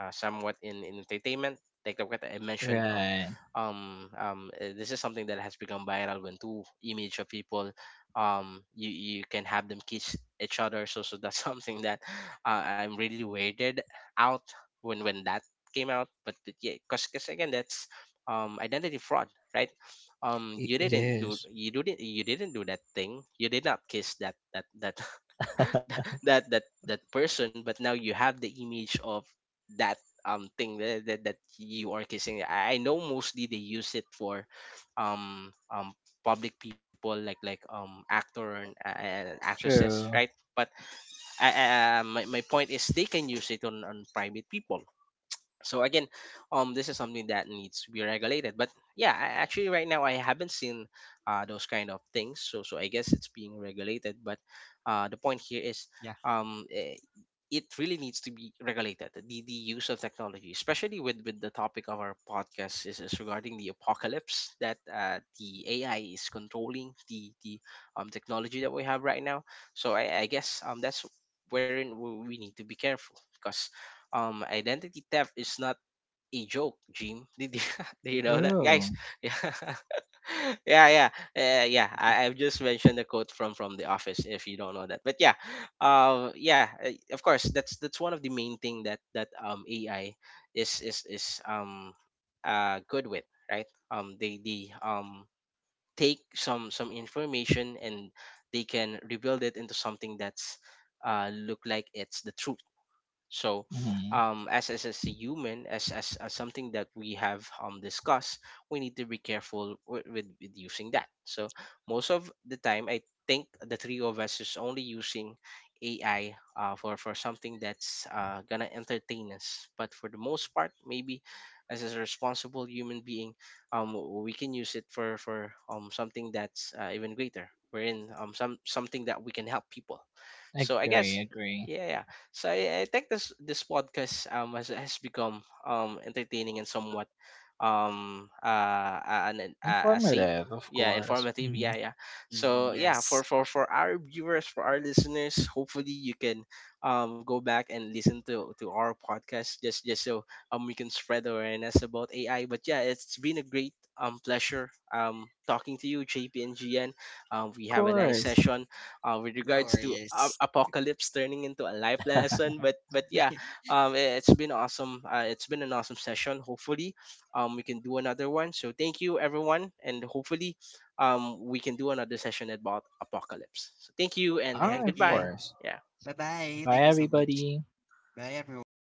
S1: uh, somewhat in, in entertainment. Like the what I mentioned, um,
S3: Right.
S1: um, um, uh, this is something that has become viral, when two image of people, um, you, you can have them kiss each other. So so that's, something that, uh, I'm really weirded out when when that came out. But it- yeah, cause cause again, that's um identity fraud, right? Um,
S3: It,
S1: you
S3: it
S1: didn't do
S3: is.
S1: you didn't, you didn't do that thing. You did not kiss that that that that that that person. But now you have the image of that um thing that, that, that you are kissing. i I know mostly they use it for um um public people, like like um actor and, and actresses, right?
S3: True.
S1: But I, uh, my, my point is they can use it on, on private people. So again, um this is something that needs to be regulated. But yeah, I, actually right now, I haven't seen uh, those kind of things. So so I guess it's being regulated. But uh, the point here is,
S2: Yeah.
S1: um eh, it really needs to be regulated, the, the use of technology, especially with, with the topic of our podcast, is, is regarding the apocalypse that uh, the AI is controlling the the um, technology that we have right now. So i, I guess, um, that's wherein we we need to be careful. Because um, identity theft is not a joke, Jim. Did you, do you know that, guys?
S3: True.
S1: Yeah, yeah, yeah, uh, yeah. I, I've just mentioned the quote from from The Office, if you don't know that. But yeah, uh, yeah, uh, of course. That's that's one of the main thing that that um A I is is is um uh good with, right? Um, they they um take some some information, and they can rebuild it into something that's uh look like it's the truth. So,
S3: Mm-hmm.
S1: um, as, as as a human, as, as as something that we have um discussed, we need to be careful with, with with using that. So most of the time, I think the three of us is only using A I uh, for for something that's uh, gonna entertain us. But for the most part, maybe, as a responsible human being, um, we can use it for for um something that's uh, even greater. Wherein um some something that we can help people. So I
S3: Agree,
S1: guess,
S3: agree.
S1: yeah. So I, I think this this podcast um has has become um entertaining, and somewhat um uh an a, a safe,
S3: Informative, of
S1: yeah,
S3: course.
S1: informative, yeah,
S3: Mm-hmm.
S1: yeah.
S2: Mm,
S1: So yeah,
S2: yes.
S1: for for for our viewers, for our listeners, hopefully you can, um go back and listen to to our podcast, just just so um we can spread awareness about A I. But yeah, it's been a great um pleasure um talking to you, J P and G N. Um we
S3: Of
S1: have a nice
S3: course.
S1: session uh, with
S2: No
S1: regards to a-
S2: worries.
S1: apocalypse turning into a life lesson. But but yeah, um, i- it's been awesome. Uh, it's been an awesome session. Hopefully, um, we can do another one. So thank you, everyone. And hopefully, um, we can do another session about apocalypse. So thank you, and
S2: Thank
S3: All
S1: and
S3: right, of
S2: you.
S1: goodbye.
S3: course.
S1: Yeah.
S2: Bye bye. Thank
S3: Bye,
S2: you so much.
S3: everybody.
S2: Bye, everyone.